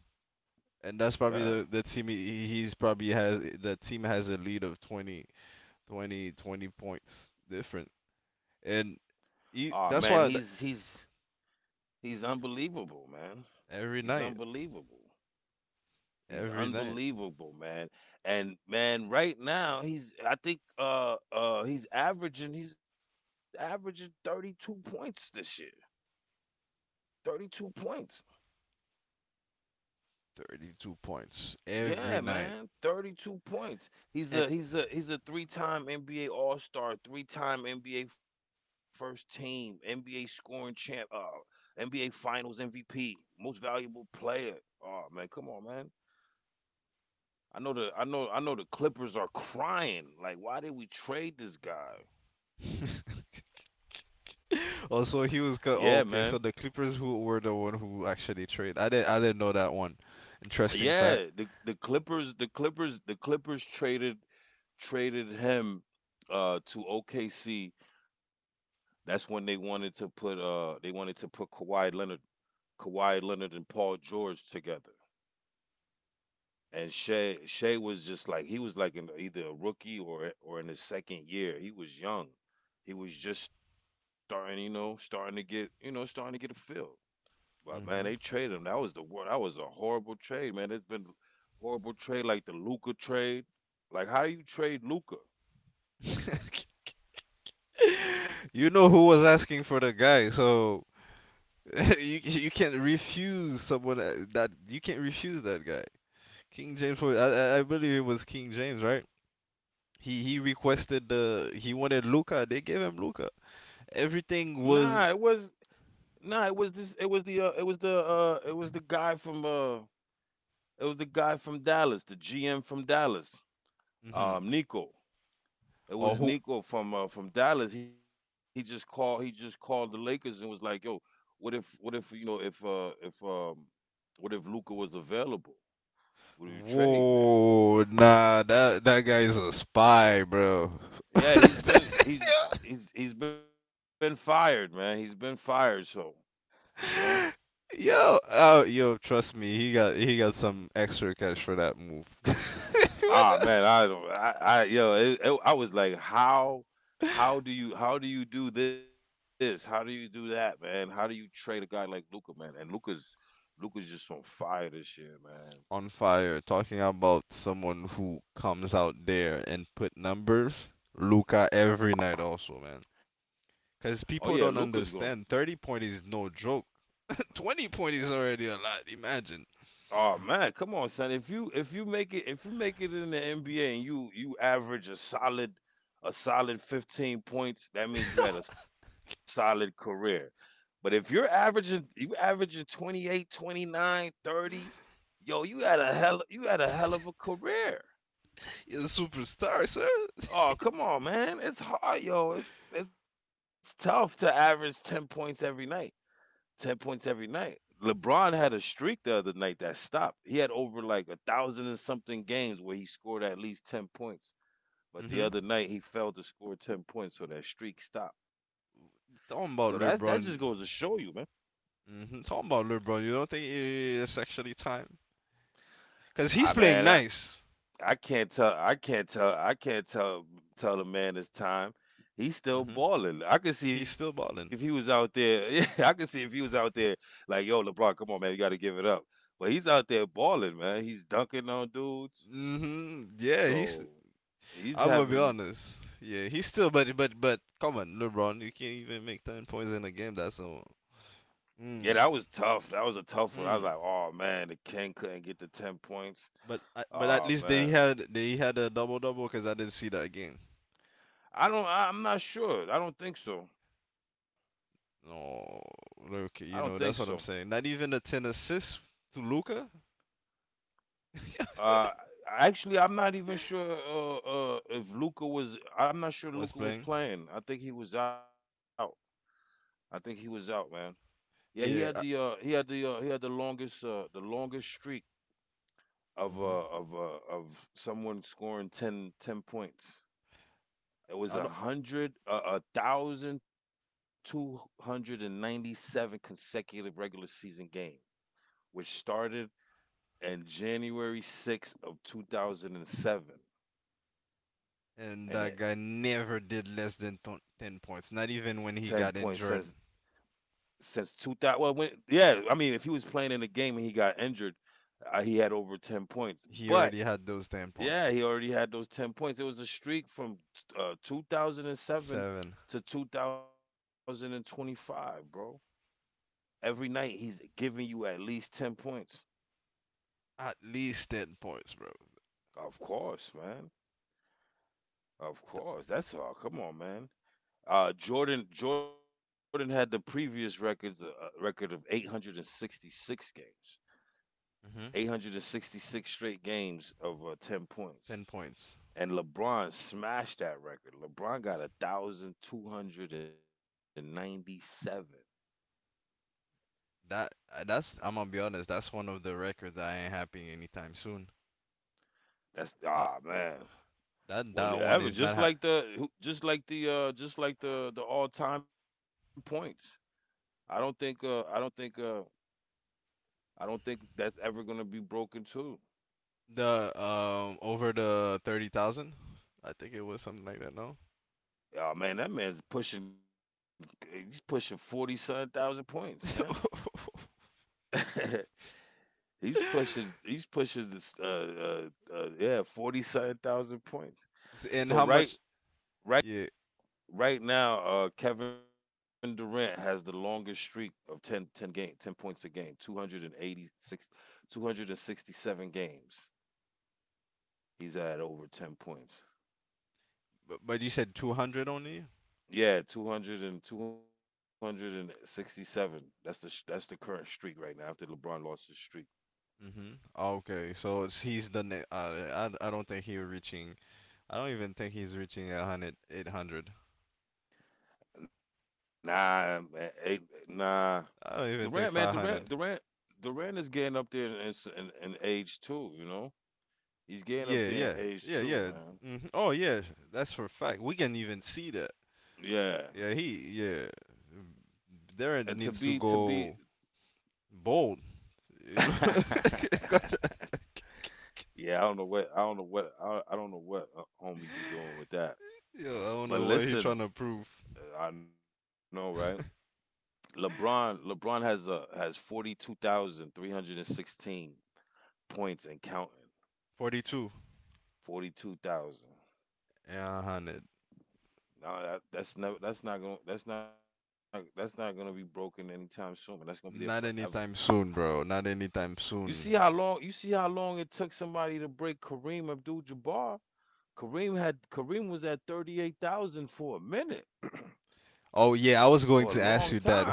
A: and that's probably
B: yeah.
A: the the team he, he's probably has the team has a lead of twenty, twenty, twenty points different, and
B: Oh man,
A: he,
B: he's
A: that's
B: he's
A: why th-
B: he's unbelievable, man.
A: every
B: He's
A: night,
B: unbelievable. He's
A: every night,
B: unbelievable, man. And man, right now he's, I think uh uh he's averaging he's averaging thirty-two points this year. thirty-two points.
A: thirty-two points every
B: Yeah,
A: night.
B: man, thirty-two points. He's
A: And
B: a he's a he's a three-time N B A All-Star, three-time N B A First Team, N B A scoring champ, uh, N B A Finals M V P, Most Valuable Player. Oh man, come on, man. I know the I know I know the Clippers are crying. Like, why did we trade this guy?
A: also
B: Yeah,
A: he was
B: man.
A: co- oh, okay. So the Clippers who were the one who actually traded. I didn't I didn't know that one. Interesting fact.
B: Yeah, the the Clippers, the Clippers, the Clippers traded, traded him, uh, to O K C. That's when they wanted to put, uh, they wanted to put Kawhi Leonard, Kawhi Leonard and Paul George together. And Shea Shea was just like, he was like in either a rookie or or in his second year. He was young. He was just starting, you know, starting to get, you know, starting to get a feel. But man, they
A: Hmm.
B: traded him. That was the wor- that was a horrible trade, man. There's been horrible trade like the Luca trade. Like, how do you trade Luca?
A: *laughs* you know who was asking for the guy, so *laughs* you you can't refuse someone uh, that you can't refuse that guy. King James was I, I I believe it was King James, right? He he requested the he wanted Luca. They gave him Luca.
B: Nah, it
A: Everything
B: was
A: was
B: Nah, it was this. It was the. Uh, it was the. Uh, it was the guy from, uh, it was the guy from Dallas, the G M from Dallas.
A: Mm-hmm.
B: Um, Nico. It
A: Or
B: was
A: who.
B: Nico from uh, from Dallas. He just called. He just called the Lakers and was like, "Yo, what if? What if, you know, if uh if um what if Luca was available? Would you trade, man?"
A: Whoa, nah, that that guy's a spy, bro. *laughs*
B: Yeah, he's been he's he's he's been fired, man. He's been fired. So you know,
A: Yo, uh, yo, trust me, he got he got some extra cash for that move. *laughs*
B: ah man, I don't, I, I yo, it, it, I was like, how, how do you, how do you do this? How do you do that, man? How do you trade a guy like Luca, man? And Luca's, Luca's just on fire this year, man.
A: on fire talking about someone who comes out there and put numbers. Luca every night also, man.
B: Oh yeah,
A: Cause
B: Luca's gonna.
A: people don't understand. Thirty point is no joke. *laughs* Twenty point is already a lot. Imagine
B: Oh man, come on, son. If you if you make it if you make it in the N B A and you you average a solid a solid fifteen points, that means you had a solid career. But if you're averaging you averaging twenty eight, twenty nine, thirty, yo, you had a hell you had a hell of a career.
A: you're a superstar, sir.
B: Oh, come on, man. It's hard, yo. It's it's tough to average ten points every night. ten points every night. LeBron had a streak the other night that stopped. He had over like a thousand and something games where he scored at least ten points. But the
A: Hmm.
B: other night he failed to score ten points, so that streak stopped. So that that
A: Talking
B: just
A: about
B: goes to show
A: LeBron.
B: you, man.
A: Hmm. Talking about LeBron. You don't think it's actually time? Cause he's
B: I
A: playing
B: mean,
A: nice.
B: I can't tell. I can't tell. I can't tell. Tell the man his time. He's still
A: Hmm.
B: balling. I could see if
A: He's
B: he was
A: still
B: out
A: balling.
B: there. *laughs* Yeah, I could see if he was out there like, yo, LeBron, come on, man, you got to give it up. But he's out there balling, man. He's dunking on dudes.
A: Hmm. Yeah, he's
B: So he's
A: I'm gonna be
B: having.
A: honest. Yeah, he's still, but but but come on, LeBron, you can't even make ten points in a game. That's all.
B: Yeah, that
A: Mm,
B: was tough. That was a tough one. I was like,
A: mm.
B: oh man, the king couldn't get the ten points.
A: But I- but at
B: Oh
A: least they
B: man,
A: had they had a double double because I didn't see that game.
B: I don't. I, I'm not sure. I don't think so.
A: No,
B: I don't think
A: Luka, you
B: so.
A: know that's what I'm saying. Not even the ten assists to Luka
B: Uh, Actually, I'm not even
A: *laughs*
B: sure, uh, uh, if Luca was. I'm not sure
A: was
B: Luca was
A: playing.
B: playing. I think he was out. I think he was out, man. Yeah, he had
A: Yeah, I,
B: the uh, he had the uh, he had the longest uh, the longest streak of,
A: mhm.
B: uh, of uh, of someone scoring ten ten points. It
A: I
B: was a
A: don't,
B: hundred uh, a thousand two hundred and ninety seven consecutive regular season game, which started in January sixth of two thousand and seven,
A: and
B: and
A: that
B: it
A: guy never did less than ton- ten points. Not
B: ten
A: even
B: points
A: when he
B: since
A: got injured,
B: since two thousand. Well, when yeah, I mean, if he was playing in the game and he got injured, uh, he had over ten points.
A: he
B: But
A: already had those ten
B: yeah,
A: points.
B: he already had those ten points. It was a streak from, uh, two thousand and seven
A: Seven.
B: to two thousand and twenty-five, bro. Every night he's giving you at least ten points.
A: At least ten points, bro.
B: Of course, man. Of course, that's all. Come on, man. Uh, Jordan Jordan had the previous records uh, record of eight hundred and sixty-six games.
A: Hmm.
B: eight hundred sixty-six straight games of, uh, ten points.
A: Ten points.
B: And LeBron smashed that record. LeBron got one thousand two hundred ninety-seven.
A: That uh, that's I'm gonna be honest. That's one of the records that ain't happening anytime soon.
B: That's,
A: Uh,
B: ah, man.
A: that
B: Well,
A: that
B: yeah,
A: one
B: ever,
A: is not
B: just
A: ha-
B: like the just like the uh just like the the all-time points. I don't think uh I don't think uh I don't think that's ever going to be broken too.
A: The um over the thirty thousand. I think it was something like that. No.
B: Oh man, that man's pushing, he's pushing forty-seven thousand points, man. *laughs* He's pushing. He's pushing this. Uh, uh, uh, yeah, forty seven thousand points.
A: *laughs* and
B: So
A: how
B: right,
A: much?
B: right,
A: Yeah,
B: right now, uh, Kevin Durant has the longest streak of ten, ten game, ten points a game, two hundred eighty-six, two hundred sixty-seven games. He's at over ten points.
A: but, but you said two hundred only.
B: Yeah, two hundred and two hundred and sixty-seven. That's the sh- that's the current streak right now after LeBron lost his streak.
A: Hmm. Okay, so it's, he's the ne- uh, I I don't think he's reaching. I don't even think he's reaching a hundred, eight hundred.
B: Nah, eh, eh, nah.
A: I don't even think
B: Durant,
A: five
B: man,
A: hundred.
B: Durant, Durant, Durant is getting up there in, in, in age too. You know, he's
A: Yeah,
B: getting up
A: yeah,
B: there in
A: yeah,
B: age
A: yeah.
B: too, man.
A: Hmm. Oh, yeah, that's for a fact. We can even see that.
B: Yeah,
A: Yeah, he, yeah.
B: and to be to
A: Darren
B: be,
A: needs to go bold,
B: *laughs*
A: you know?
B: yeah,
A: *laughs* Gotcha.
B: I don't know what I don't know what I, I don't know what uh, homie be doing with that.
A: Yo, I don't
B: But
A: know why he
B: listen,
A: trying to prove.
B: uh, I know, right?
A: *laughs*
B: LeBron, LeBron has uh has forty two thousand three hundred and sixteen points and counting.
A: forty-two.
B: Forty two thousand.
A: Yeah, one hundred.
B: No, that that's never that's not going to that's not that's not gonna be broken anytime soon, man. That's gonna be there
A: Not
B: forever.
A: anytime soon, bro. Not anytime
B: You
A: soon.
B: see how long you see how long it took somebody to break Kareem Abdul-Jabbar. Kareem had Kareem was at thirty eight thousand for a minute, *clears throat*
A: Oh,
B: for a
A: yeah, I
B: long
A: was going to
B: time.
A: ask you that.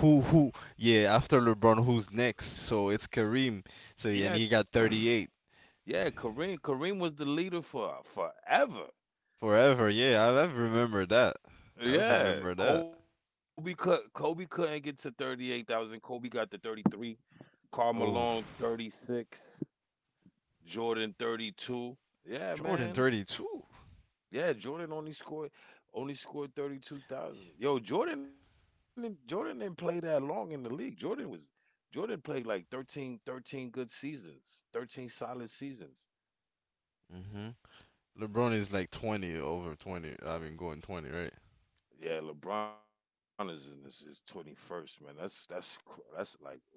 A: Who, who, yeah, after LeBron, who's next? So it's Kareem. So, yeah, and
B: Yeah,
A: he got thirty-eight.
B: *clears throat* yeah. Kareem Kareem was the leader for forever.
A: Forever, yeah, I, I remember that. I
B: Yeah,
A: remember that.
B: Kobe could Kobe couldn't get to thirty eight thousand. Kobe got to thirty three. Karl
A: Oh,
B: Malone thirty six. Jordan thirty-two. Yeah,
A: Jordan
B: man.
A: thirty-two.
B: Yeah, Jordan only scored only scored thirty-two thousand. Yo, Jordan didn't- Jordan didn't play that long in the league. Jordan was Jordan played like thirteen thirteen good seasons, thirteen solid seasons.
A: Hmm. LeBron is like twenty, over twenty. I mean, going twenty, right?
B: Yeah, LeBron is in his, his twenty-first, man. That's that's cr- that's like wow.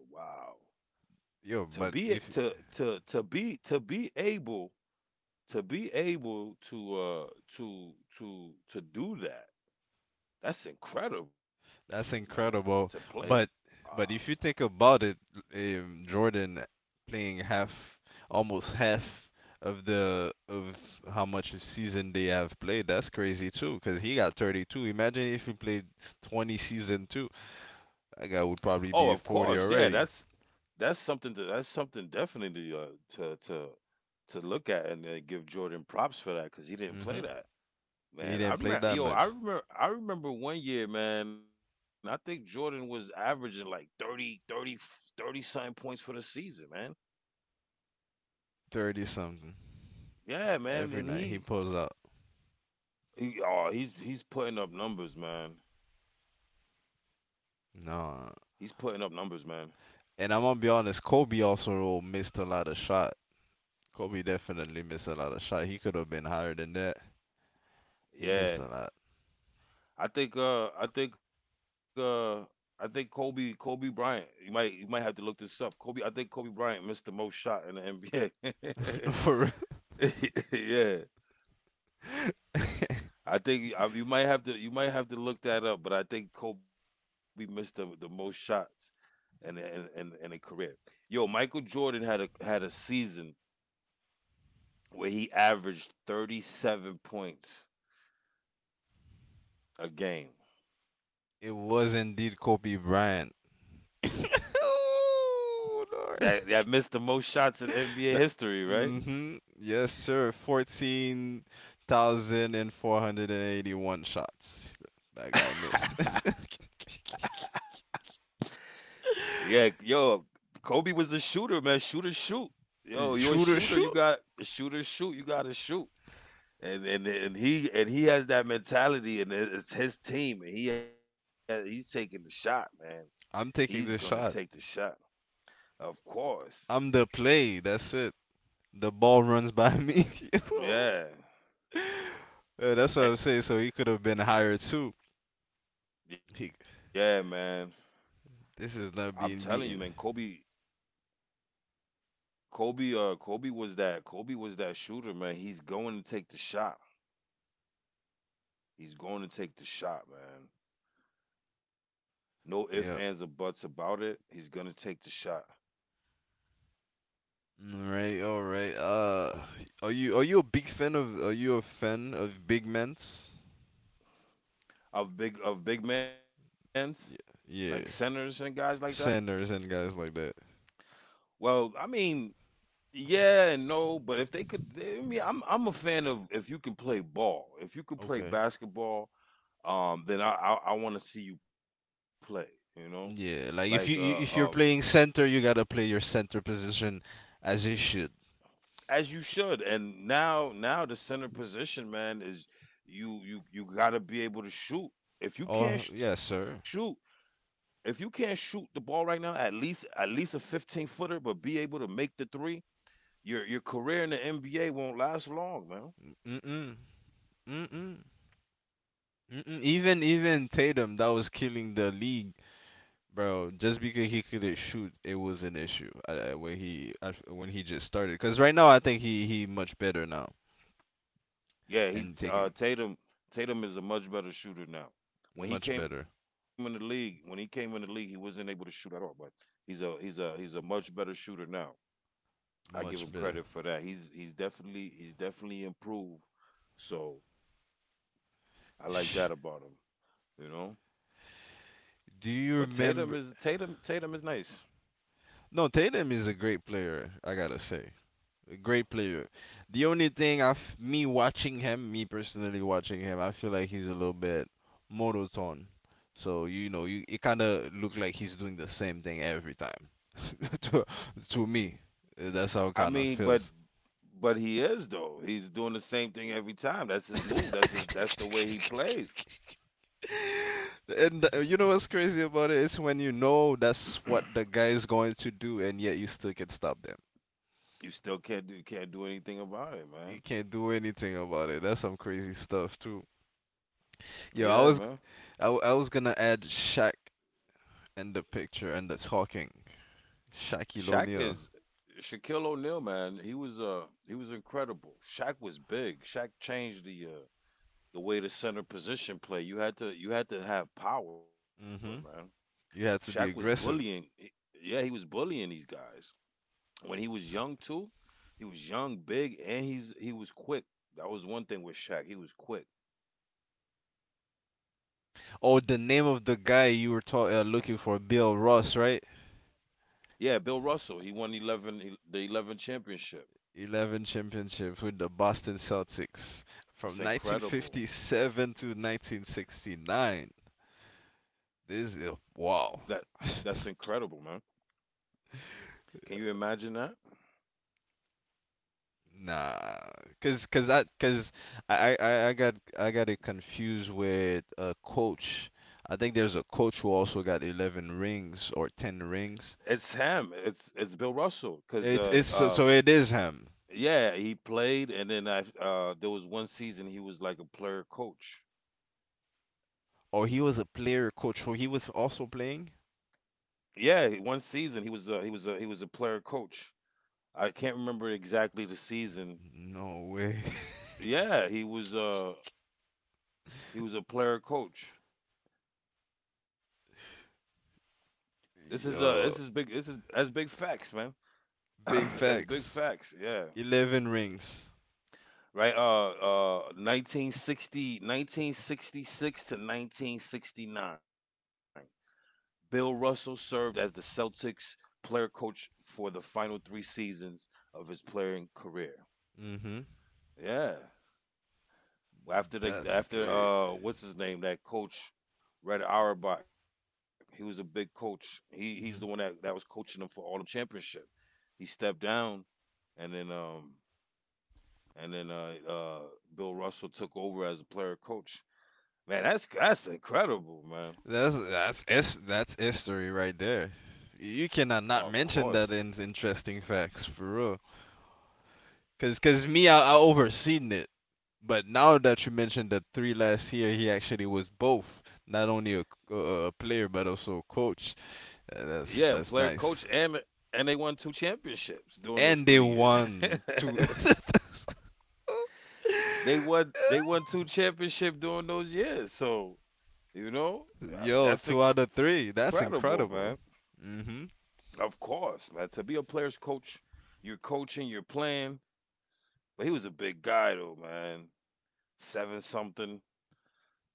A: Yo,
B: To
A: but
B: be a-
A: if
B: to to to be to be able to be able to uh to to to do that. That's incredible, man,
A: that's
B: to play.
A: incredible. But
B: Wow.
A: but if you think about it, um, Jordan playing half, almost half of the of how much a season they have played, that's crazy too. Because he got thirty-two. Imagine if he played twenty season too. That guy
B: Oh,
A: would
B: of
A: probably be
B: course, yeah.
A: forty
B: That's
A: already.
B: that's something. To, that's something definitely, uh, to to to look at and, uh, give Jordan props for that because he didn't play
A: Hmm.
B: that.
A: He
B: Man, I
A: didn't play
B: remember,
A: that
B: yo, I
A: much.
B: remember, I remember one year, man. I think Jordan was averaging like thirty, thirty, thirty 30, something points for the season, man.
A: thirty something.
B: Yeah, man,
A: Every
B: and
A: night he
B: he,
A: pulls up.
B: he, oh, he's he's putting up numbers, man. He's
A: No.
B: putting up numbers, man.
A: And I'm gonna be honest, Kobe also missed a lot of shot. Kobe definitely missed a lot of shot. He could have been higher than that. He missed
B: Yeah,
A: a lot.
B: I think uh I think uh I think Kobe Kobe Bryant, you might you might have to look this up. Kobe I think Kobe Bryant missed the most shot in the N B A.
A: *laughs* For real.
B: *laughs* yeah. I think you- I, you might have to you might have to look that up, but I think Kobe missed the, the most shots in the, in in in a career. Yo, Michael Jordan had a had a season where he averaged thirty-seven points a game.
A: It was indeed Kobe Bryant. *laughs* oh, Lord.
B: That that missed the most shots in N B A
A: That,
B: history, right?
A: hmm. Yes, sir. fourteen thousand four hundred eighty-one shots. That guy
B: *laughs*
A: missed. *laughs*
B: Yeah, yo, Kobe was a shooter, man. Shooters shoot. Yo, you're a
A: Shooter
B: shooter. You
A: shoot.
B: got shooters shoot. You got to shoot. And and and he and he has that mentality, and it- it's his team, and he has, he's taking the shot, man. He's
A: I'm
B: gonna
A: taking this
B: take the
A: shot.
B: shot, of course.
A: I'm the play. That's it. The ball runs by me. *laughs* You know?
B: Yeah.
A: Yeah, that's what
B: Eh,
A: I'm saying. So he could have been higher too.
B: yeah,
A: He,
B: man.
A: this
B: I'm
A: is not
B: telling you,
A: being
B: man.
A: beaten.
B: Kobe, Kobe, uh, Kobe was that. Kobe was that shooter, man. He's going to take the shot. He's going to take the shot, man. No ifs, ands, or buts
A: Yeah.
B: about it. He's gonna take the shot
A: All right. All right. Uh, are you are you a big fan of Are you a fan of big men?
B: of big of big men's, like centers
A: Yeah.
B: and
A: Yeah.
B: guys like that.
A: Centers and guys like that.
B: Well, I mean, yeah and no, but if they could, I mean, I'm I'm a fan of if you can play ball. If you could play
A: Okay.
B: basketball, um, then I I, I want to see you play. You know, like,
A: Yeah. Like if you,
B: uh um
A: you if you're playing center, you gotta play your center position as it should.
B: as you should. And now now the center position, man, is you you you gotta be able to shoot. If you can't
A: Oh
B: shoot,
A: yes, sir.
B: if you can't shoot the ball right now, at least at least a fifteen footer, but be able to make the three, your your career in the N B A won't last long, man.
A: Mm mm. Mm mm. Mm-mm, even even Tatum that was killing the league, bro. Just because he couldn't shoot, it was an issue uh, uh, when he uh, when he just started. Cause right now I think he he much better now
B: Yeah, he
A: and
B: uh,
A: taking
B: Tatum Tatum is a much better shooter now. When he
A: much
B: came in the
A: better,
B: league, when he came in the league, he wasn't able to shoot at all, but he's a he's a he's a much better shooter now. I give
A: much
B: him
A: better.
B: credit for that. He's he's definitely he's definitely improved. So I like that about him, you know. But
A: Do
B: Tatum
A: you
B: is Tatum
A: remember?
B: Tatum is nice.
A: No, Tatum is a great player. I gotta say. A great player. The only thing I, f- me watching him, me personally watching him, I feel like he's a little bit monotone. So you know, you it kind of look like he's doing the same thing every time. *laughs* to to me, Uh, that's how it
B: I
A: kind of
B: mean, but
A: feels.
B: but he is though. He's doing the same thing every time. That's his move. That's
A: *laughs*
B: his. That's the way he plays.
A: And uh, you know what's crazy about it is when you know that's what the guy is going to do, and yet you still can stop them.
B: You still can't do can't do anything about it,
A: You
B: man.
A: can't do anything about it. That's some crazy stuff too. Yo, I
B: Yeah,
A: was
B: man.
A: I I was gonna add Shaq in the picture and the talking. Shaquille
B: Shaq is
A: O'Neal.
B: Shaquille O'Neal, man. He was uh he was incredible. Shaq was big. Shaq changed the uh, the way the center position play. You had to you had to have power, man.
A: Hmm.
B: Shaq was
A: You had to be
B: bullying. He-
A: aggressive.
B: yeah, he was bullying these guys. When he was young too, he was young, big, and he's he was quick. That was one thing with Shaq. He was quick.
A: Oh, the name of the guy you were ta- uh, looking for, Bill Russ, right?
B: Yeah, Bill Russell. He won eleven the eleven championship.
A: eleven championships with the Boston Celtics
B: It's
A: from
B: incredible.
A: nineteen fifty-seven to nineteen sixty-nine. This is
B: That
A: wow.
B: that's incredible, man. Can you
A: *laughs*
B: imagine that?
A: Nah, cause, cause I, cause I, I, I got, I got it confused with a coach. I think there's a coach who also got eleven rings or ten
B: It's
A: rings.
B: him. It's it's Bill Russell. Cause,
A: It's,
B: uh,
A: it's, so
B: uh
A: so it is him.
B: yeah, he played, and then I uh there was one season he was like a player coach.
A: Or he was a player coach. So he was also playing?
B: Yeah, he- one season he was uh he was a he was a player coach. I can't remember exactly the season.
A: No way.
B: Yeah, he was uh he was a player coach. This is uh this is
A: *laughs*
B: big this
A: Yo,
B: is that's big facts, man. *clears throat*
A: big
B: That's big
A: facts.
B: facts. Yeah.
A: eleven rings.
B: Right, uh uh nineteen sixty nineteen sixty six to nineteen sixty-nine. Bill Russell served as the Celtics player coach for the final three seasons of his playing career.
A: Hmm.
B: Yeah. After the
A: That's
B: after,
A: great.
B: uh what's his name, that coach Red Auerbach. He was a big coach. He he's the one that that was
A: Hmm.
B: coaching them for all them championship. He stepped down, and then, um and then uh uh Bill Russell took over as a player coach, man. That's that's incredible, man.
A: That's, that's, es that's history right there. You
B: Oh, of
A: cannot not
B: course,
A: mention that in interesting facts for real. Cause, cause me, I, I overseen it. But now that you mentioned the three last year, he actually was both, not only a, c- a- a player but also a coach.
B: yeah,
A: Uh,
B: player
A: That's
B: coach.
A: that's
B: and
A: nice.
B: and they won two championships during those
A: And
B: three
A: they
B: years
A: won two.
B: *laughs* they won
A: *laughs*
B: They won two championship during those years. So, You know, Uh,
A: Yo,
B: that's
A: two out of
B: incredible,
A: three.
B: man.
A: That's incredible. Mhm.
B: Of course, man. To be a player's coach, you're coaching, you're playing. But he was a big guy, though, man. Seven something.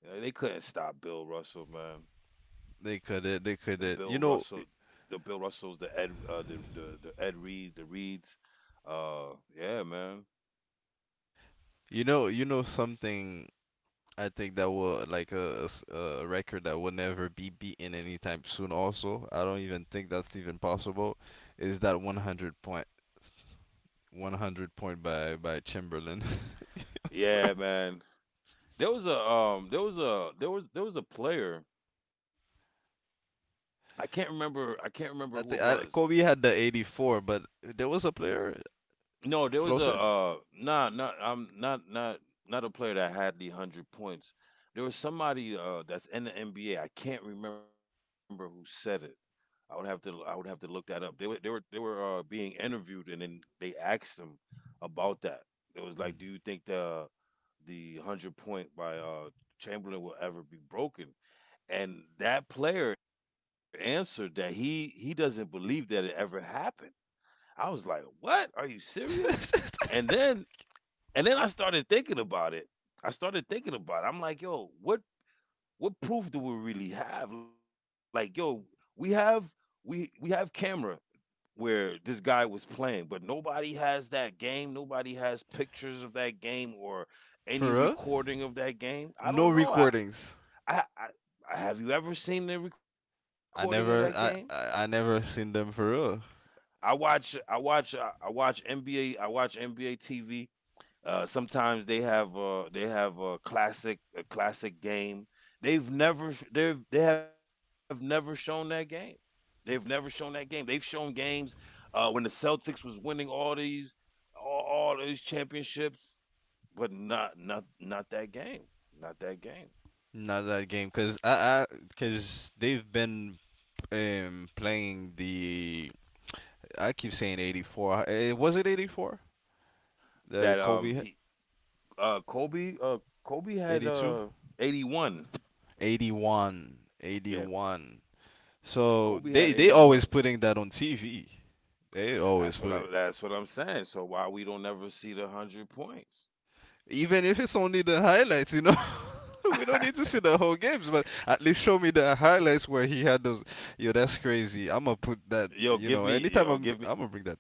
B: Yeah, they couldn't stop Bill Russell, man.
A: They
B: The
A: could
B: Bill
A: it. They could
B: Russell,
A: it. You know.
B: the Bill Russells, the Ed, uh, the, the the Ed Reed, the Reeds. Uh, yeah, man.
A: You know. You know something I think that will like a, a s- a record that will never be beaten anytime soon. Also, I don't even think that's even possible. Is that one hundred point one hundred point by by Chamberlain, *laughs* bro?
B: Yeah, man. There was a, um, there was a there was there was a player. I can't remember. I can't remember who it
A: I
B: was.
A: think I, Kobe had the eighty four, but there was a player
B: No, there was a,
A: closer.
B: uh nah not, I'm not not not a player that had the hundred points. There was somebody, uh that's in the N B A. I can't remember who said it. I would have to I would have to look that up. They were they were they were, uh being interviewed, and then they asked them about that. It was like,
A: Mm.
B: do you think the the hundred point by, uh Chamberlain will ever be broken? And that player answered that he he doesn't believe that it ever happened. I was like, what? Are you serious? And
A: *laughs*
B: then and then I started thinking about it. I started thinking about it. I'm like, yo, what what proof do we really have? Like, yo, we have we we have camera where this guy was playing, but nobody has that game. Nobody has pictures of that game or any
A: For real?
B: recording of that game. I
A: No
B: don't know. I
A: recordings.
B: I, I I- have you ever seen the recording of that
A: I
B: game?
A: never, I, I, I never seen them for real.
B: I watch I watch I I watch N B A I watch N B A T V. Uh, sometimes they have uh they have a classic a classic game. They've never sh- they've they have never shown that game. They've never shown that game. They've shown games uh when the Celtics was winning all these all, all these championships, but not not not that game. Not that game.
A: Not that game, cause I, I, cause they've been um playing the I keep saying eighty four. Uh, Eh, Was it eighty four? The
B: That um
A: Kobe hit?
B: he uh Kobe uh Kobe had
A: eighty two?
B: uh eighty-one.
A: eighty one.
B: Yeah,
A: eighty one.
B: Kobe had
A: So
B: eighty-one.
A: they they always putting that on T V. They
B: That's what
A: always
B: I
A: put it.
B: that's what I'm saying. So why we don't never see the one hundred points?
A: Even if it's only the highlights, you know, *laughs* we don't need to
B: *laughs*
A: see the whole games, but at least show me the highlights where he had those. Yo, that's crazy. I'm gonna put
B: yo,
A: that,
B: give me,
A: you know,
B: yo, give
A: anytime
B: me,
A: I'm I'm gonna bring that.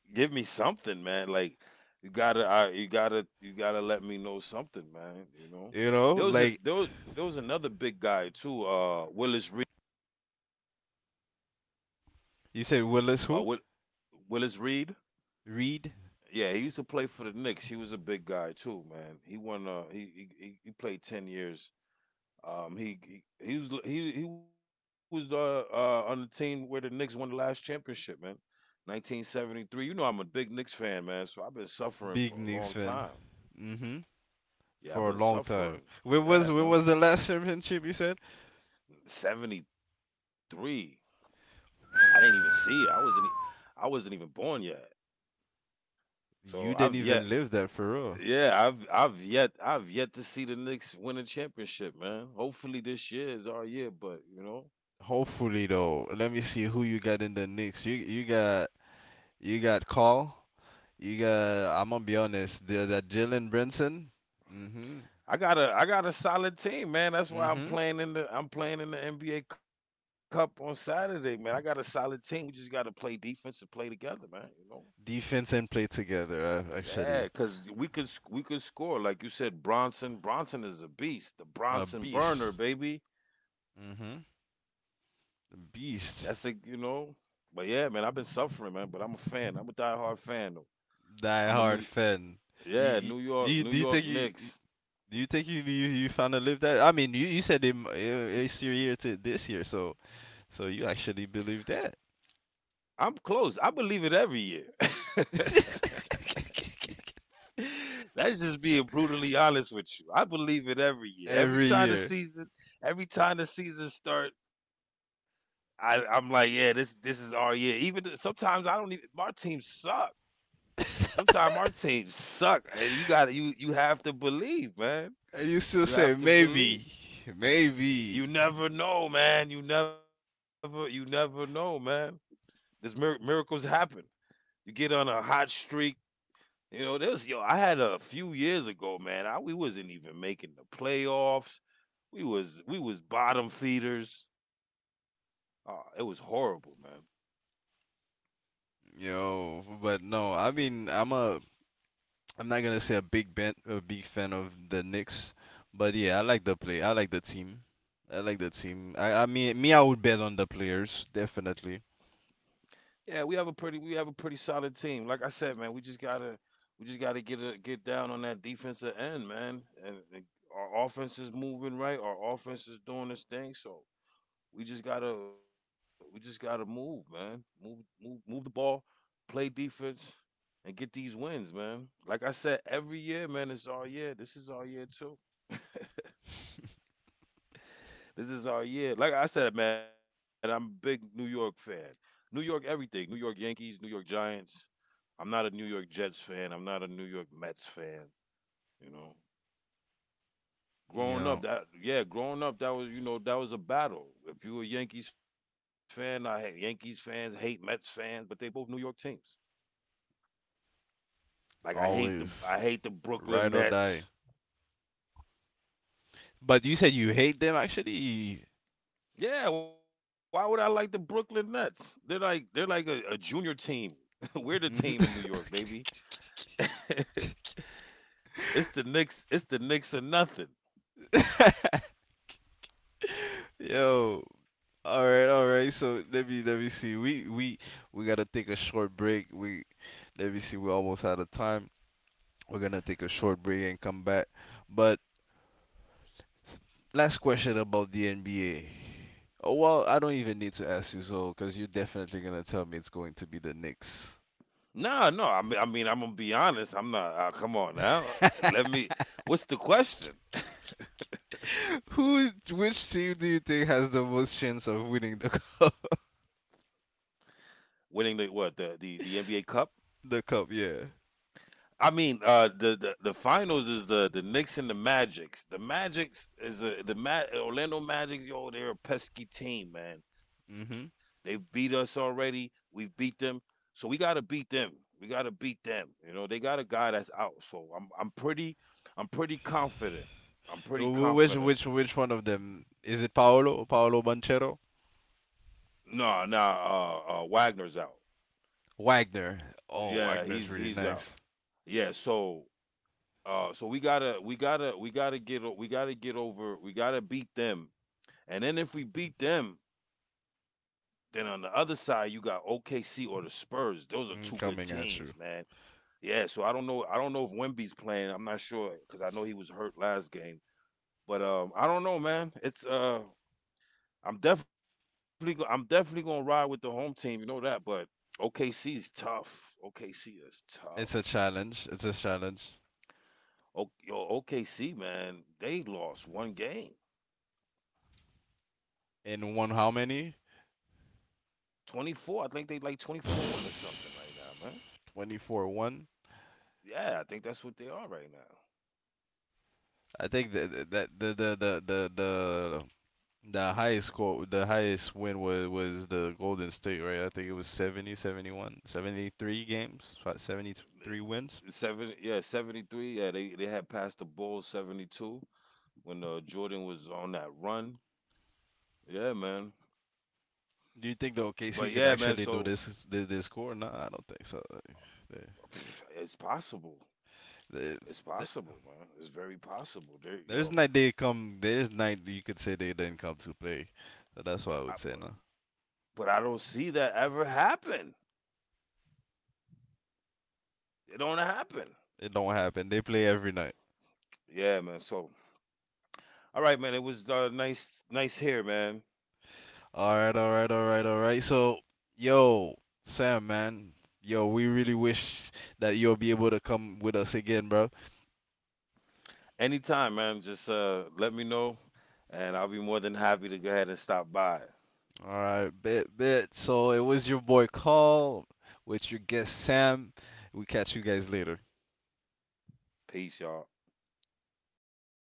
B: Give me something, man. Like, you gotta, I, you gotta, you gotta let me know something, man. You know,
A: You know,
B: there was a
A: like
B: there was, there was another big guy too, uh, Willis Reed.
A: you said,
B: Uh, Will,
A: Willis who?
B: Willis Reed.
A: Reed,
B: Yeah, he used to play for the Knicks. He was a big guy too, man. He won. Uh, he he, he he played ten years. Um, he he, he was he he was uh, uh on the team where the Knicks won the last championship, man. nineteen seventy-three. You know I'm a big Knicks fan, man. So I've been
A: big
B: suffering
A: Knicks
B: for a
A: fan.
B: long time.
A: Mhm. For a
B: Yeah, I've
A: long
B: been
A: time.
B: suffering.
A: When was when
B: Yeah,
A: was
B: man.
A: the last championship you said?
B: seventy-three. I didn't even see it. I wasn't. e-
A: *laughs*
B: I wasn't even born yet. So
A: You
B: I've
A: didn't
B: yet.
A: even live that for real.
B: Yeah, I've I've yet I've yet to see the Knicks win a championship, man. Hopefully this year is our year, but you know,
A: Hopefully though, let me see who you got in the Knicks. You you got you got Call. You got I'm gonna be honest. The, that Jalen Brunson. Mhm.
B: I got a I got a solid team, man. That's why I'm
A: Mhm.
B: playing in the I'm playing in the N B A Cup on Saturday, man. I got a solid team. We just got to play defense and play together, man. You know,
A: Defense and play together. Uh,
B: yeah,
A: actually,
B: because we could sc- we could score like you said. Bronson Bronson is a beast. The
A: a
B: Bronson burner,
A: beast.
B: baby.
A: Mhm.
B: That's a you know.
A: Beast.
B: But yeah, man, I've been suffering, man. But I'm a fan. I'm a diehard fan though.
A: Die
B: I'm a
A: hard
B: new
A: fan.
B: Yeah,
A: You,
B: New York
A: you,
B: New
A: do you think
B: York
A: you
B: Knicks.
A: Do you think you you, you found a live that? I mean, you, you said it, it's your year to this year, so so you actually believe that?
B: I'm close. I believe it every year. *laughs*
A: *laughs*
B: That's just being brutally honest with you. I believe it every year. Every
A: Every
B: time the
A: year.
B: season, every time the season start, I, I'm like, yeah, this this is our year. Even th- sometimes I don't even. My team suck. Sometimes our teams
A: *laughs*
B: suck, and you gotta you you have to believe, man.
A: And you still
B: You
A: say
B: have to believe.
A: maybe, maybe,
B: You never know, man. You never you never know, man. This mir- miracles happen. You get on a hot streak. You know, there's, yo. I had a few years ago, man. I, we wasn't even making the playoffs. We was we was bottom feeders. Oh, it was horrible, man.
A: yo. But no, I mean, I'm a I'm not gonna say a big ben, a big fan of the Knicks, but yeah, I like the play. I like the team. I like the team. I I mean, me, I would bet on the players definitely.
B: Yeah, we have a pretty we have a pretty solid team. Like I said, man, we just gotta we just gotta get a, get down on that defensive end, man. And, and our offense is moving right. Our offense is doing this thing. So we just gotta we just gotta move, man. Move move move the ball, play defense, and get these wins, man. Like I said, every year, man, it's our year. This is our year too. *laughs* This is our year. Like I said, man, I'm a big New York fan. New York everything. New York Yankees, New York Giants. I'm not a New York Jets fan. I'm not a New York Mets fan. You know,
A: You
B: growing up,
A: know,
B: that yeah, growing up, that was you know that was a battle. If you were a Yankees fan, I hate Yankees fans hate Mets fans, but they both New York teams. Like I hate the
A: Always
B: I hate the Brooklyn
A: ride or die.
B: Nets.
A: But you said you hate them actually.
B: Yeah, why would I like the Brooklyn Nets? They're like they're like a, a junior team. *laughs*
A: Mhm.
B: We're the team in New York, baby. *laughs* It's the Knicks. It's the Knicks or nothing.
A: *laughs* Yo. All right, all right. So let me let me see. We we we gotta take a short break. We Let me see. We're almost out of time. We're gonna take a short break and come back. But last question about the N B A. Oh well, I don't even need to ask you so, cause you're definitely gonna tell me it's going to be the Knicks.
B: Nah, no. I mean, I mean, I'm gonna be honest. I'm not. Uh, come on now. Let
A: *laughs*
B: me. What's the question?
A: Who, which team do you think has the most chance of winning the *laughs* cup?
B: *laughs* Winning the, what, the the the N B A Cup?
A: The cup, yeah.
B: I mean, uh, the the, the finals is the the Knicks and the Magics. The Magics is a, the Ma- Orlando Magics. Yo, they're a pesky team, man. They've
A: Hmm.
B: beat us already. We've beat them, so we gotta beat them. We gotta beat them. You know, they got a guy that's out. So I'm I'm pretty I'm pretty confident. I'm pretty
A: Which
B: confident.
A: which which one of them is it? Paolo Paolo Banchero?
B: No, no, uh, uh Wagner's out.
A: Wagner. Oh,
B: Yeah, he's
A: Wagner's really
B: he's out.
A: nice.
B: Yeah, so uh so we gotta we gotta we gotta get o- we gotta get over we gotta beat them. And then if we beat them, then on the other side you got O K C or the Spurs. Those are two good
A: Mm, coming
B: teams,
A: at
B: man.
A: you.
B: Yeah, so I don't know I don't know if Wemby's playing. I'm not sure because I know he was hurt last game. But um I don't know, man. It's uh I'm definitely go- I'm definitely gonna ride with the home team. You know that, but O K C is tough. O K C is
A: It's
B: tough.
A: a challenge. It's a challenge.
B: O- yo, O K C, man, they lost one game,
A: In one, how many?
B: twenty-four. I think they like twenty-four one or something right now, man.
A: *sighs* Twenty-four one.
B: Yeah, I think that's what they are right now.
A: I think that that the the the the the the highest score, the highest win was was the Golden State, right? I think it was seventy, seventy-one, seventy-three games, seventy-three wins.
B: Eh, Seven, yeah, seventy-three. Yeah, they they had passed the Bulls seventy-two when uh, Jordan was on that run. Yeah, man.
A: Do you think the
B: But
A: O K C
B: yeah,
A: could
B: man.
A: actually
B: So
A: do this this, this score? No, I don't think so. Like, they-
B: *sighs* *sniffs* it's possible.
A: they- they-
B: It's possible, man. It's very
A: there's
B: possible.
A: night
B: There,
A: they
B: yo,
A: come. There's night you could say they didn't come to play. So that's why I would say no.
B: I, but, but I don't see that ever happen. It don't happen.
A: It don't happen. They play every night.
B: Yeah, man. So, all right, man. It was uh, nice, nice here, man.
A: All right, all right, all right, all right. So, yo, Sam, man, yo, we really wish that you'll be able to come with us again, bro.
B: Anytime, man. Just uh, let me know, and I'll be more than happy to go ahead and stop by.
A: All right, bet, bet. So it was your boy Carl with your guest Sam. We catch you guys later.
B: Peace, y'all.